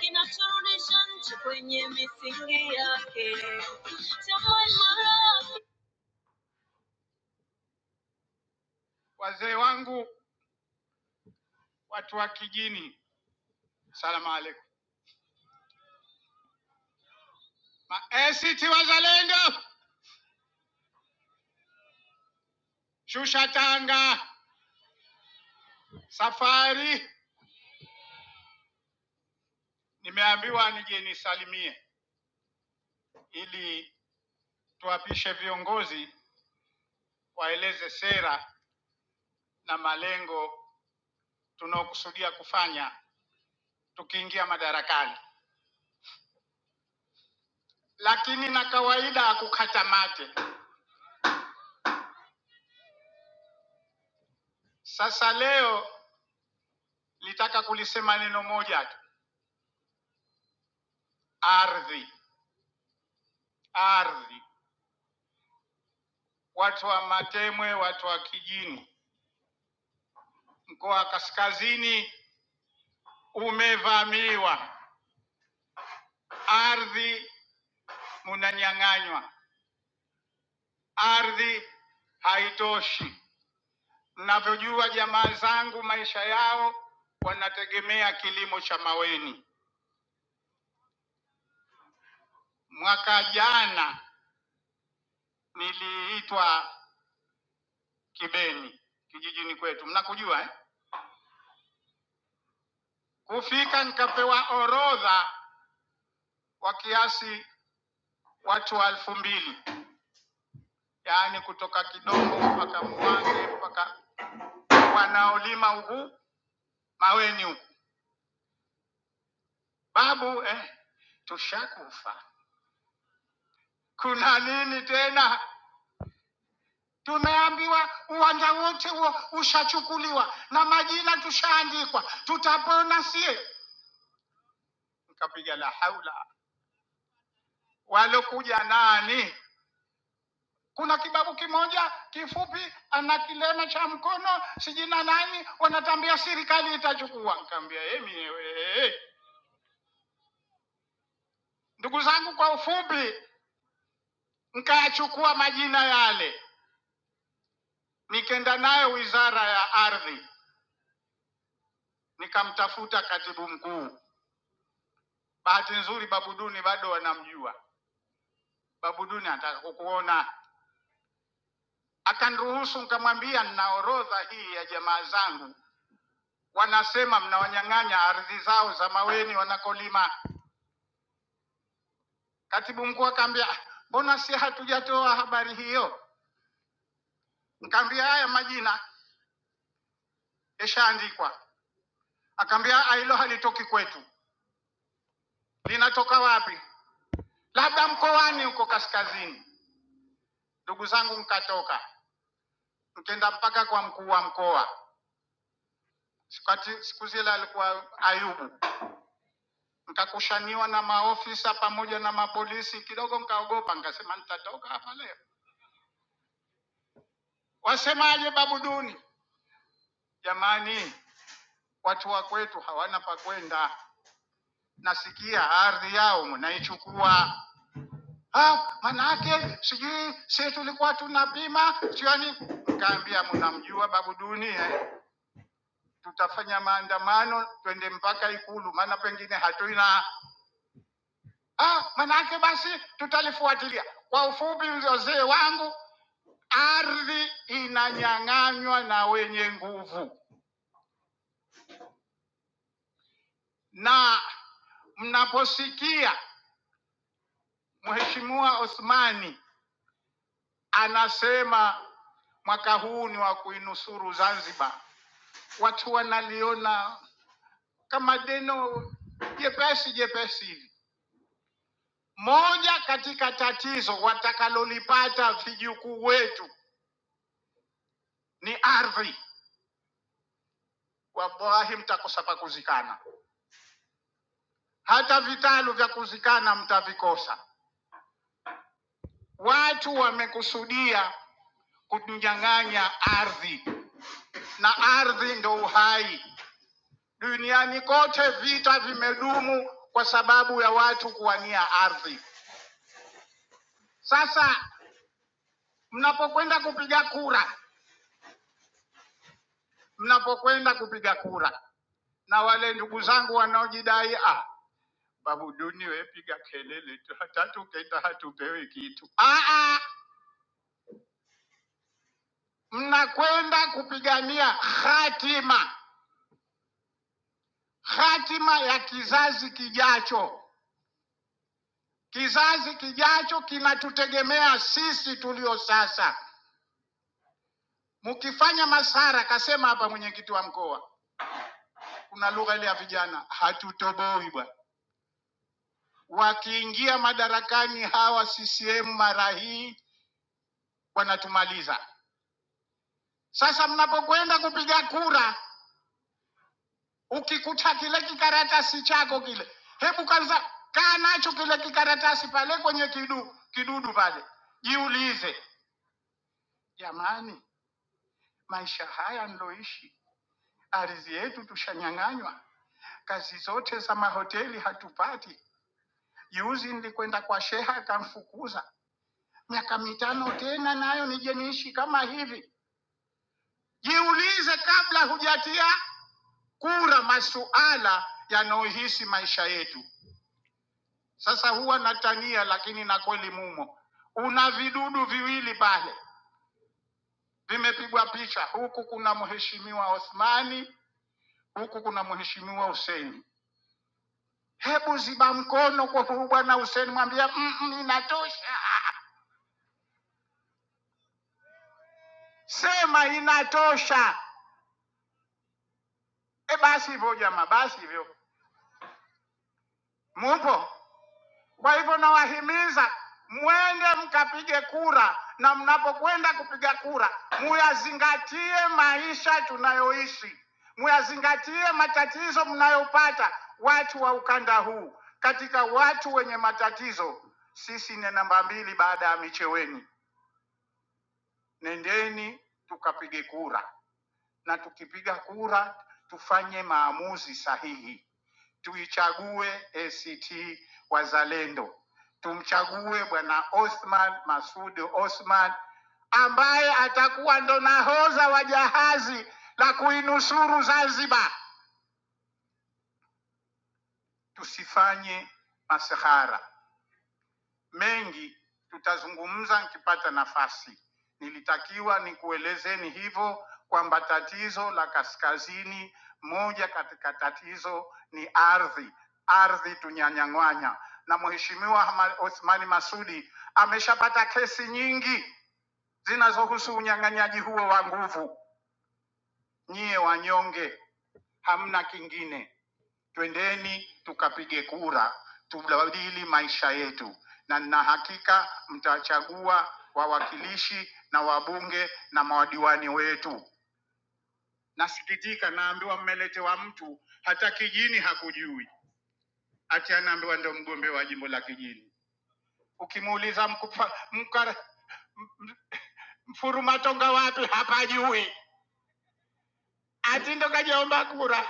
[SPEAKER 6] kinachorudisha nchi kwenye misingi yake. wazee wangu, watu wa kijini, salamu alaikum. ACT Wazalendo, shusha tanga. Safari nimeambiwa nije nisalimie ili tuapishe viongozi waeleze sera na malengo tunaokusudia kufanya tukiingia madarakani, lakini na kawaida hakukata mate. Sasa leo nitaka kulisema neno moja tu, ardhi, ardhi. watu wa Matemwe, watu wa Kijini. Mkoa wa Kaskazini umevamiwa, ardhi munanyang'anywa, ardhi haitoshi. Mnavyojua jamaa zangu, maisha yao wanategemea kilimo cha maweni. Mwaka jana niliitwa Kibeni kijijini kwetu, mnakujua eh? Kufika nikapewa orodha wa kiasi watu wa elfu mbili yaani kutoka Kidongo mpaka Mwange mpaka wanaolima huku Maweni huku. Babu eh, tushakufa, kuna nini tena? Tumeambiwa uwanja wote huo ushachukuliwa na majina tushaandikwa, tutapona sie. Nikapiga la haula, walokuja nani? Kuna kibabu kimoja kifupi, ana kilema cha mkono, sijina nani, wanatambia serikali itachukua. Nikamwambia yeye mwenyewe Ndugu zangu, kwa ufupi, nikayachukua majina yale, nikenda nayo wizara ya ardhi, nikamtafuta katibu mkuu. Bahati nzuri, Babuduni bado wanamjua. Babuduni anataka kukuona, akaniruhusu. Nikamwambia nina orodha hii ya jamaa zangu, wanasema mnawanyang'anya ardhi zao za Maweni wanakolima. Katibu mkuu akaambia, "Ah, mbona si hatujatoa habari hiyo? Nikamwambia haya majina yashaandikwa. Akaambia "Ah, hilo halitoki kwetu linatoka wapi? Labda mkoani huko kaskazini. Ndugu zangu, mkatoka mkenda mpaka kwa mkuu wa mkoa, Sikati- siku zile alikuwa Ayubu, mkakushaniwa na maofisa pamoja na mapolisi kidogo, mkaogopa, nkasema nitatoka hapa leo, wasemaje babu duni? Jamani, watu wa kwetu hawana pa kwenda, nasikia ardhi yao mnaichukua ah, manake sijui si tulikuwa tuna bima sijui yani, nikaambia mnamjua babu Duni eh? tutafanya maandamano twende mpaka Ikulu, maana pengine hatuna ah, manake basi tutalifuatilia. Kwa ufupi, uzee wangu, ardhi inanyang'anywa na wenye nguvu, na mnaposikia Mheshimiwa Othmani anasema mwaka huu ni wa kuinusuru Zanzibar watu wanaliona kama deno jepesi jepesi hivi. Moja katika tatizo watakalolipata vijukuu wetu ni ardhi. Wallahi mtakosa pa kuzikana, hata vitalu vya kuzikana mtavikosa. Watu wamekusudia kutunyang'anya ardhi, na ardhi ndo uhai. Duniani kote vita vimedumu kwa sababu ya watu kuwania ardhi. Sasa mnapokwenda kupiga kura, mnapokwenda kupiga kura, na wale ndugu zangu wanaojidai ah, babu duni wewe piga kelele tu, hata tukenda hatupewi kitu. Ah, ah, mnakwenda kupigania hatima, hatima ya kizazi kijacho. Kizazi kijacho kinatutegemea sisi tulio sasa. Mkifanya masara, kasema hapa mwenyekiti wa mkoa, kuna lugha ile ya vijana, hatutoboi bwana Wakiingia madarakani hawa CCM mara hii wanatumaliza. Sasa mnapokwenda kupiga kura, ukikuta kile kikaratasi chako kile, hebu kwanza kaa nacho kile kikaratasi pale kwenye kidu, kidudu pale, jiulize jamani, maisha haya niloishi, ardhi yetu tushanyang'anywa, kazi zote za mahoteli hatupati. Juzi nilikwenda kwa sheha akamfukuza, miaka mitano tena nayo nije niishi kama hivi Jiulize kabla hujatia kura masuala yanayohisi maisha yetu. Sasa huwa natania, lakini na kweli mumo, una vidudu viwili pale vimepigwa picha, huku kuna mheshimiwa Othmani, huku kuna mheshimiwa Hussein. Hebu ziba mkono kwa huyu bwana Hussein, mwambia "Mm, mm, inatosha, sema inatosha. E basi hivyo jamaa, basi hivyo, mupo Kwa hivyo nawahimiza mwende mkapige kura, na mnapokwenda kupiga kura muyazingatie maisha tunayoishi, muyazingatie matatizo mnayopata watu wa ukanda huu. Katika watu wenye matatizo, sisi ni namba mbili baada ya Micheweni. Nendeni tukapige kura, na tukipiga kura tufanye maamuzi sahihi tuichague ACT Wazalendo, tumchague bwana Othman Masud Othman ambaye atakuwa ndo nahodha wa jahazi la kuinusuru Zanzibar. Tusifanye masihara. mengi tutazungumza nikipata nafasi. Nilitakiwa nikuelezeni hivyo kwamba tatizo la kaskazini, moja katika tatizo ni ardhi, ardhi tunyanyang'wanya, na Mheshimiwa Hama- Othmani Masudi ameshapata kesi nyingi zinazohusu unyang'anyaji huo wa nguvu. Nyie wanyonge, hamna kingine twendeni tukapige kura tubadili maisha yetu, na nina hakika mtachagua wawakilishi na wabunge na madiwani wetu. Nasikitika, naambiwa mmeletewa mtu hata kijini hakujui, ati anaambiwa ndo mgombea wa jimbo la kijini. Ukimuuliza mkupa, mkara, mfurumatonga wapi, hapajui, ati ndo kajaomba kura.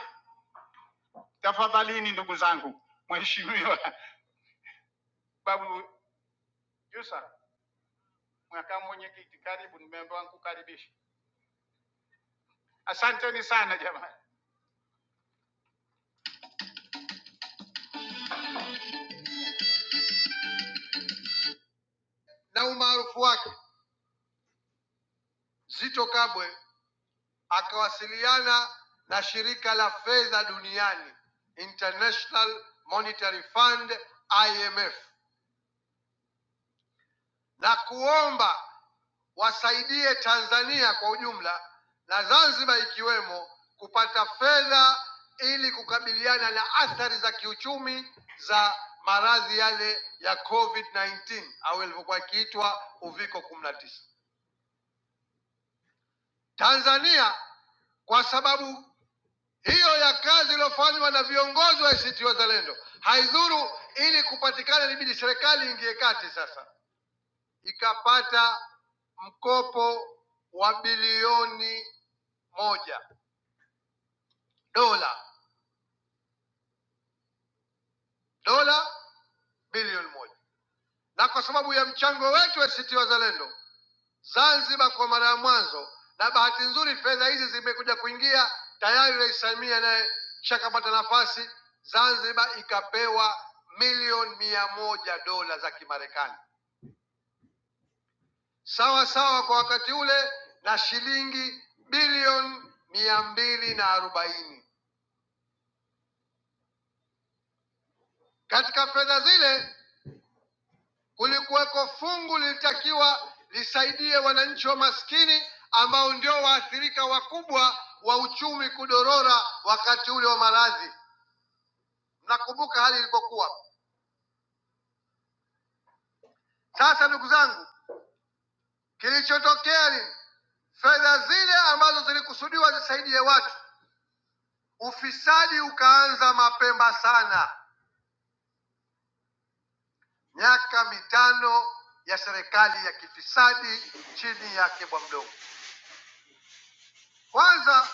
[SPEAKER 6] Tafadhalini ndugu zangu, mheshimiwa Babu Jusa Makamu mwenyekiti, karibu, nimeambiwa nikukaribishe. Asanteni sana jamani. na umaarufu wake, Zito Kabwe akawasiliana na shirika la fedha duniani International Monetary Fund IMF na kuomba wasaidie Tanzania kwa ujumla na Zanzibar ikiwemo kupata fedha ili kukabiliana na athari za kiuchumi za maradhi yale ya COVID-19 au ilivyokuwa ikiitwa uviko 19. Tanzania kwa sababu hiyo ya kazi iliyofanywa na viongozi wa ACT Wazalendo haidhuru, ili kupatikana, ilibidi serikali ingie kati sasa ikapata mkopo wa bilioni moja dola dola bilioni moja na kwa sababu ya mchango wetu ACT Wazalendo Zanzibar kwa mara ya mwanzo, na bahati nzuri fedha hizi zimekuja kuingia tayari. Rais Samia naye shakapata nafasi, Zanzibar ikapewa milioni mia moja dola za Kimarekani sawa sawa kwa wakati ule na shilingi bilioni mia mbili na arobaini Katika fedha zile kulikuweko fungu lilitakiwa lisaidie wananchi wa maskini ambao ndio waathirika wakubwa wa uchumi kudorora wakati ule wa maradhi. Mnakumbuka hali ilipokuwa. Sasa ndugu zangu, kilichotokea ni fedha zile ambazo zilikusudiwa zisaidie watu, ufisadi ukaanza mapema sana, miaka mitano ya serikali ya kifisadi chini ya Kibwa Mdogo. Kwanza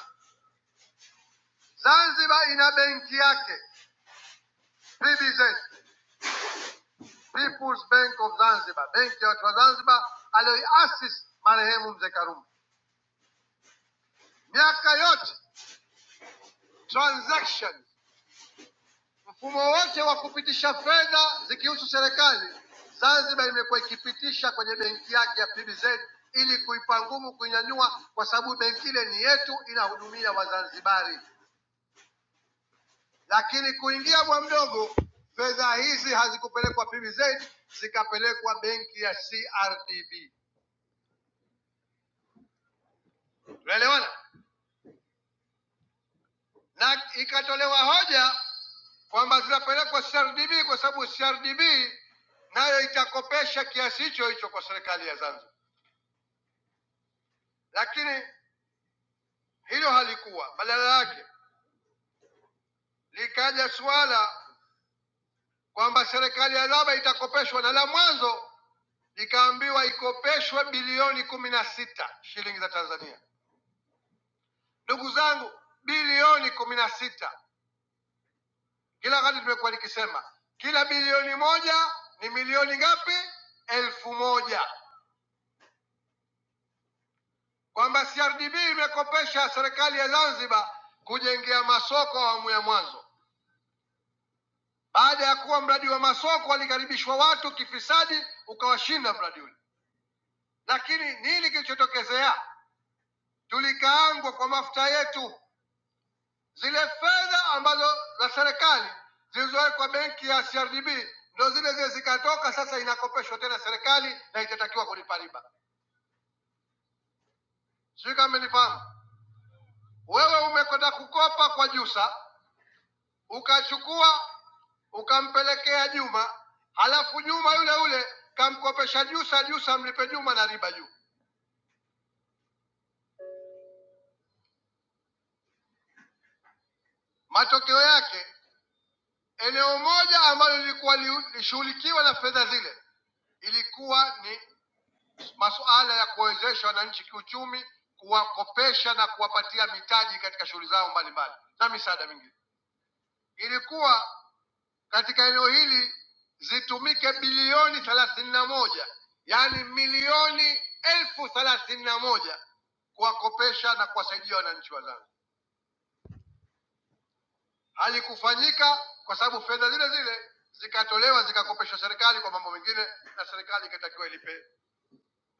[SPEAKER 6] Zanzibar ina benki yake PBZ, People's Bank of Zanzibar, benki ya watu wa Zanzibar aliyoiasisi marehemu mzee Karume. Miaka yote transaction, mfumo wote wa kupitisha fedha zikihusu serikali, Zanzibar imekuwa ikipitisha kwenye benki yake ya PBZ ili kuipa ngumu kuinyanyua, kwa sababu benki ile ni yetu, inahudumia Wazanzibari. Lakini kuingia bwa mdogo, fedha hizi hazikupelekwa PBZ, zikapelekwa benki ya CRDB. Tunaelewana? Na ikatolewa hoja kwamba zinapelekwa CRDB kwa sababu CRDB nayo itakopesha kiasi hicho hicho kwa serikali ya Zanzibar, lakini hilo halikuwa. Badala yake likaja suala kwamba serikali ya Zanzibar itakopeshwa, na la mwanzo likaambiwa ikopeshwe bilioni kumi na sita shilingi za Tanzania. Ndugu zangu, bilioni kumi na sita kila wakati tumekuwa nikisema, kila bilioni moja ni milioni ngapi? Elfu moja, kwamba CRDB imekopesha serikali ya Zanzibar kujengea masoko awamu ya mwanzo. Baada ya kuwa mradi wa masoko walikaribishwa watu kifisadi, ukawashinda mradi ule. Lakini nini kilichotokezea? Tulikaangwa kwa mafuta yetu Zile fedha ambazo za serikali zilizowekwa kwa benki ya CRDB ndo zile zile zikatoka, sasa inakopeshwa tena serikali na itatakiwa kulipa riba. Sijui kama menifahamu. Wewe umekwenda kukopa kwa Jusa, ukachukua ukampelekea Juma, halafu Juma yule yule kamkopesha Jusa, Jusa mlipe Juma na riba juu. Matokeo yake eneo moja ambalo lilikuwa li- lishughulikiwa na fedha zile ilikuwa ni masuala ya kuwawezesha wananchi kiuchumi, kuwakopesha na kuwapatia mitaji katika shughuli zao mbalimbali na misaada mingine. Ilikuwa katika eneo hili zitumike bilioni thelathini na moja yaani milioni elfu thelathini na moja kuwakopesha na kuwasaidia wananchi wa Zanzibar. Halikufanyika kwa sababu fedha zile zile zikatolewa zikakopeshwa serikali kwa mambo mengine, na serikali ikatakiwa ilipe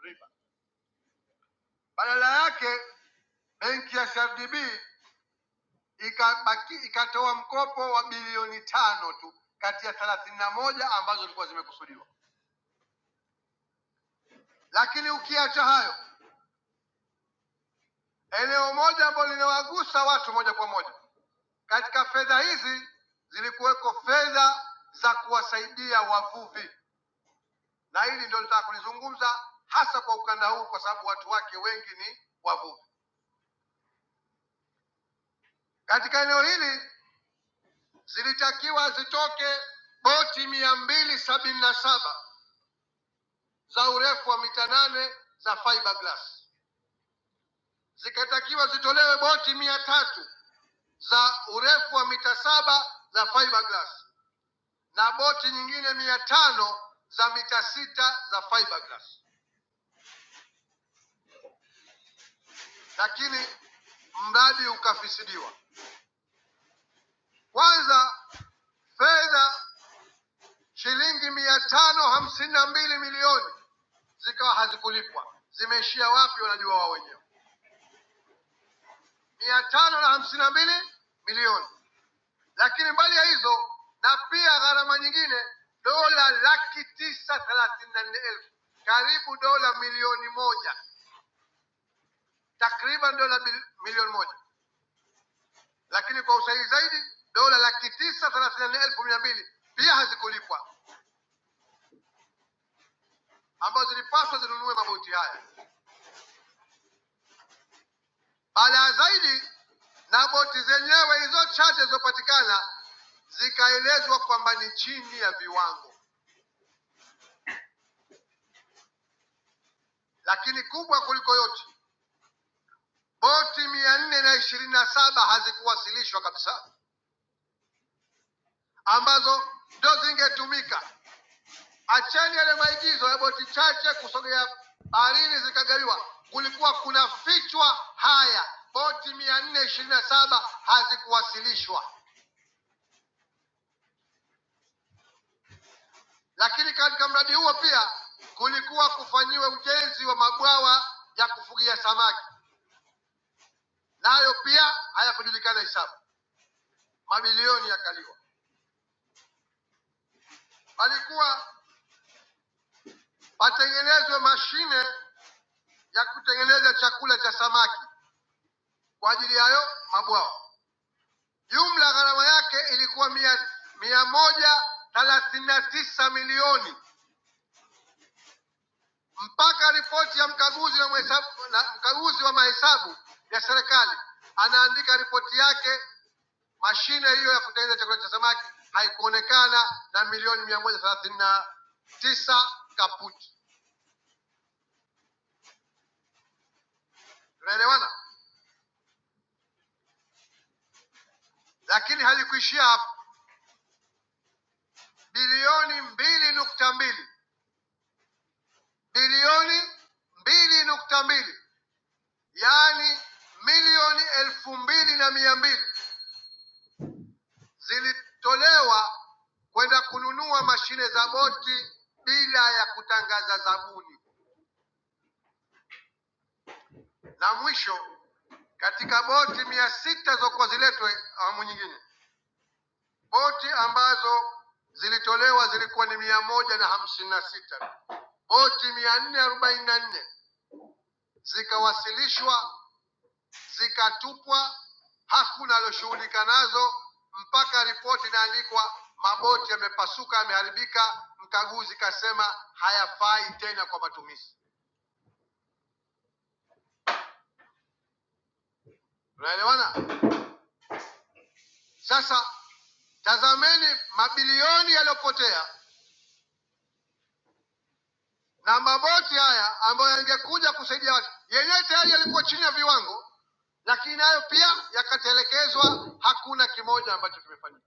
[SPEAKER 6] riba. Badala yake benki ya CRDB ikabaki ikatoa mkopo wa bilioni tano tu kati ya thelathini na moja ambazo zilikuwa zimekusudiwa. Lakini ukiacha hayo, eneo moja ambalo linawagusa watu moja kwa moja katika fedha hizi zilikuweko fedha za kuwasaidia wavuvi, na hili ndio nitaka kulizungumza hasa kwa ukanda huu, kwa sababu watu wake wengi ni wavuvi. Katika eneo hili zilitakiwa zitoke boti mia mbili sabini na saba za urefu wa mita nane za fiberglass, zikatakiwa zitolewe boti mia tatu za urefu wa mita saba za fiberglass na boti nyingine mia tano za mita sita za fiberglass, lakini mradi ukafisidiwa. Kwanza fedha shilingi mia tano hamsini na mbili milioni zikawa hazikulipwa. Zimeishia wapi? Wanajua wao wenyewe. mia tano na hamsini na mbili milioni Lakini mbali ya hizo na pia gharama nyingine dola laki tisa thelathini na nne elfu karibu dola milioni moja takriban dola bil- milioni moja lakini kwa usahihi zaidi dola laki tisa thelathini na nne elfu mia mbili pia hazikulipwa ambazo zilipaswa zinunue maboti haya. Baadaye zaidi na boti zenyewe hizo chache zilizopatikana zikaelezwa kwamba ni chini ya viwango, lakini kubwa kuliko yote boti mia nne na ishirini na saba hazikuwasilishwa kabisa, ambazo ndo zingetumika. Acheni yale maigizo ya boti chache kusogea baharini zikagawiwa, kulikuwa kuna fichwa haya. Boti mia nne ishirini na saba hazikuwasilishwa, lakini katika mradi huo pia kulikuwa kufanyiwe ujenzi wa mabwawa ya kufugia samaki, nayo pia hayakujulikana hisabu, mabilioni yakaliwa. Palikuwa patengenezwe mashine ya kutengeneza chakula cha samaki kwa ajili yayo mabwawa. Jumla gharama yake ilikuwa mia, mia moja thelathini na tisa milioni mpaka ripoti ya mkaguzi na mhesabu, na mkaguzi wa mahesabu ya serikali anaandika ripoti yake, mashine hiyo ya kutengeneza chakula cha samaki haikuonekana na milioni mia moja thelathini na tisa kaputi. Tunaelewana? Lakini halikuishia hapo, bilioni mbili nukta mbili bilioni mbili nukta mbili yaani milioni elfu mbili na mia mbili zilitolewa kwenda kununua mashine za boti bila ya kutangaza zabuni. Na mwisho katika boti mia sita zilizokuwa ziletwe awamu nyingine, boti ambazo zilitolewa zilikuwa ni mia moja na hamsini na sita boti mia nne arobaini na nne zikawasilishwa zikatupwa, hakuna alioshughulika nazo mpaka ripoti inaandikwa, maboti yamepasuka, yameharibika. Mkaguzi kasema hayafai tena kwa matumizi. Unaelewana? Sasa tazameni mabilioni yaliyopotea na maboti haya ambayo yangekuja kusaidia watu, yenyewe tayari yalikuwa chini ya viwango, lakini nayo pia yakatelekezwa. Hakuna kimoja ambacho kimefanyika.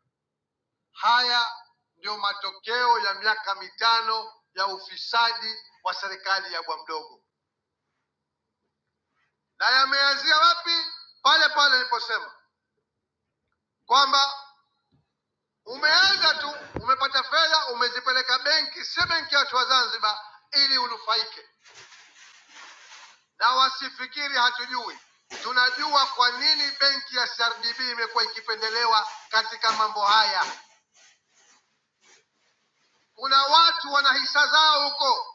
[SPEAKER 6] Haya ndio matokeo ya miaka mitano ya ufisadi wa serikali ya bwa mdogo, na yameanzia wapi? Pale pale niliposema kwamba umeanza tu, umepata fedha, umezipeleka benki, si benki ya watu wa Zanzibar, ili unufaike. Na wasifikiri hatujui, tunajua kwa nini benki ya CRDB imekuwa ikipendelewa katika mambo haya. Kuna watu wana hisa zao huko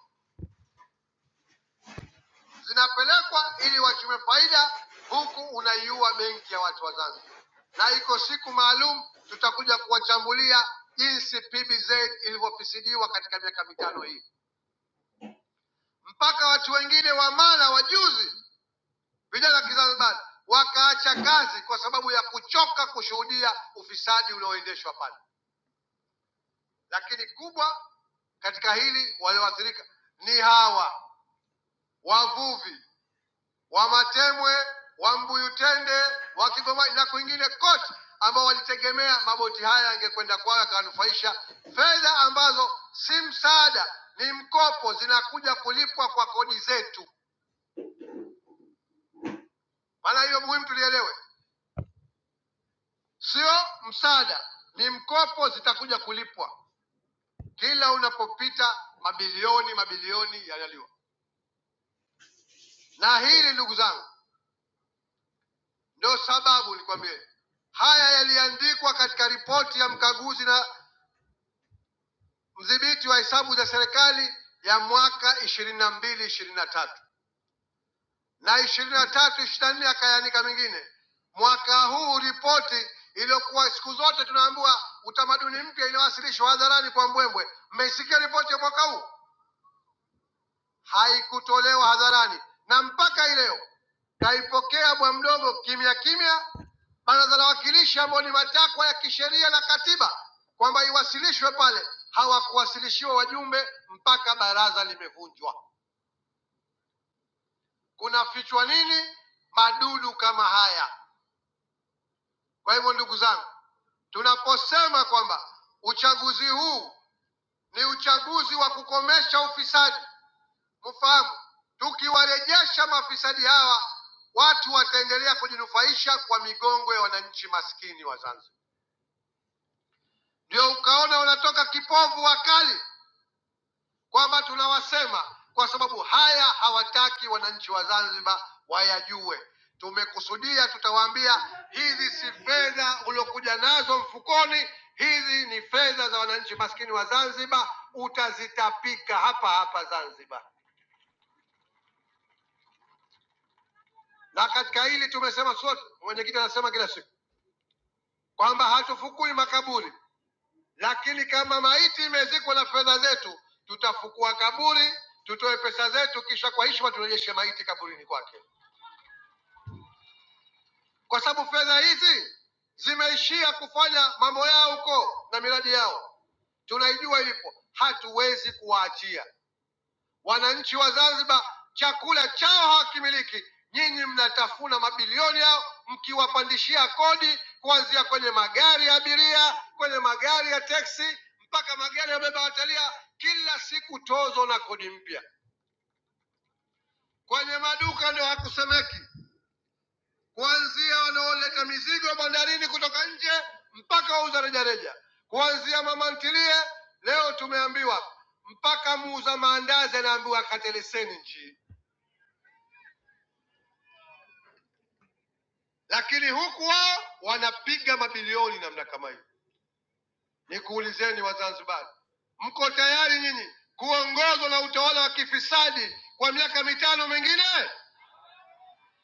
[SPEAKER 6] zinapelekwa ili wachukue faida, huku unaiua benki ya watu wa Zanzibar. Na iko siku maalum tutakuja kuwachambulia jinsi PBZ ilivyofisidiwa katika miaka mitano hii, mpaka watu wengine wa mara wajuzi, vijana wa Kizanzibari wakaacha kazi kwa sababu ya kuchoka kushuhudia ufisadi unaoendeshwa pale. Lakini kubwa katika hili walioathirika ni hawa wavuvi wa Matemwe, wa Mbuyutende, wa Kigoma na kwingine kote, ambao walitegemea maboti haya yangekwenda kwao yakawanufaisha, fedha ambazo si msaada, ni mkopo, zinakuja kulipwa kwa kodi zetu. Maana hiyo muhimu tulielewe, sio msaada, ni mkopo, zitakuja kulipwa kila unapopita, mabilioni mabilioni yanaliwa. Na hili ndugu zangu, ndio sababu nikwambie haya yaliandikwa katika ripoti ya mkaguzi na mdhibiti wa hesabu za serikali ya mwaka ishirini na mbili ishirini na tatu na ishirini na tatu ishirini na nne akayaanika mengine. Mwaka huu ripoti iliyokuwa siku zote tunaambiwa utamaduni mpya iliyowasilishwa hadharani kwa Mbwembwe, mmeisikia ripoti ya mwaka huu? haikutolewa hadharani, na mpaka hii leo kaipokea bwa mdogo kimya kimya. Baraza la Wawakilishi ambao ni matakwa ya kisheria na katiba kwamba iwasilishwe pale, hawakuwasilishiwa wajumbe mpaka baraza limevunjwa. Kunafichwa nini? Madudu kama haya. Kwa hivyo, ndugu zangu, tunaposema kwamba uchaguzi huu ni uchaguzi wa kukomesha ufisadi Mfahamu, tukiwarejesha mafisadi hawa, watu wataendelea kujinufaisha kwa migongo ya wananchi maskini wa Zanzibar. Ndio ukaona unatoka kipovu wakali kwamba tunawasema, kwa sababu haya hawataki wananchi wa Zanzibar wayajue. Tumekusudia, tutawaambia hizi si fedha uliokuja nazo mfukoni, hizi ni fedha za wananchi maskini wa Zanzibar, utazitapika hapa hapa Zanzibar. Na katika hili tumesema sote, mwenyekiti anasema kila siku kwamba hatufukui makaburi, lakini kama maiti imezikwa na fedha zetu, tutafukua kaburi, tutoe pesa zetu, kisha kwa heshima turejeshe maiti kaburini kwake, kwa sababu fedha hizi zimeishia kufanya mambo yao huko na miradi yao, tunaijua ilipo, hatuwezi kuwaachia. Wananchi wa Zanzibar chakula chao hawakimiliki, nyinyi mnatafuna mabilioni yao mkiwapandishia kodi kuanzia kwenye magari ya abiria, kwenye magari ya teksi, mpaka magari ya beba watalia, kila siku tozo na kodi mpya. Kwenye maduka ndio hakusemeki, kuanzia wanaoleta mizigo bandarini kutoka nje mpaka wauza rejareja, kuanzia mama ntilie. Leo tumeambiwa mpaka muuza maandazi anaambiwa kate leseni nchi lakini huku wao wanapiga mabilioni namna kama hiyo. Nikuulizeni Wazanzibari, mko tayari nyinyi kuongozwa na utawala wa kifisadi kwa miaka mitano mingine?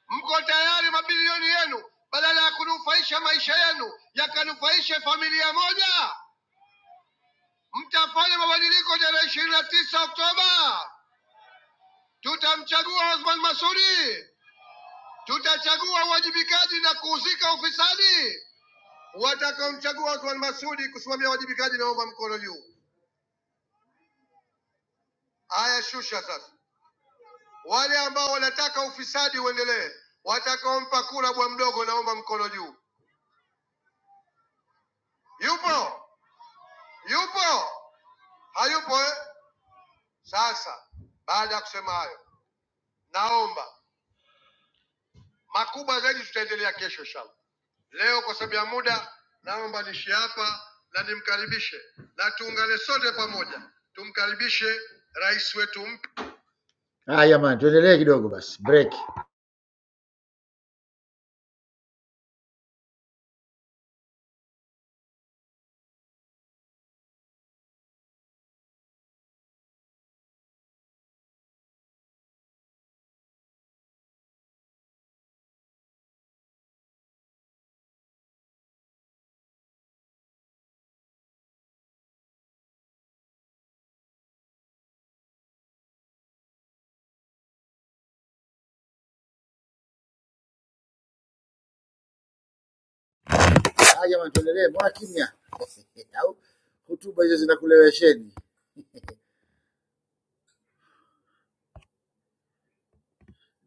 [SPEAKER 6] Mko tayari mabilioni yenu badala ya kunufaisha maisha yenu yakanufaishe familia moja? Mtafanya mabadiliko tarehe ishirini na tisa Oktoba. Tutamchagua Othman Masudi, tutachagua uwajibikaji na kuuzika ufisadi. Watakaomchagua Othman Masudi kusimamia wajibikaji, naomba mkono juu. Haya, shusha sasa. Wale ambao wanataka ufisadi uendelee, watakaompa kura bwa mdogo, naomba mkono juu. Yupo? Yupo? Hayupo eh? Sasa baada ya kusema hayo, naomba makubwa zaidi, tutaendelea kesho inshallah. Leo kwa sababu ya muda, naomba nishi hapa na nimkaribishe na tuungane sote pamoja, tumkaribishe rais wetu mpya. Haya jamani, tuendelee kidogo basi, break.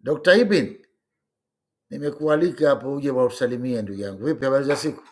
[SPEAKER 6] Dr. Ibin, nimekualika hapo uje wausalimie ndugu yangu. Vipi, habari za siku?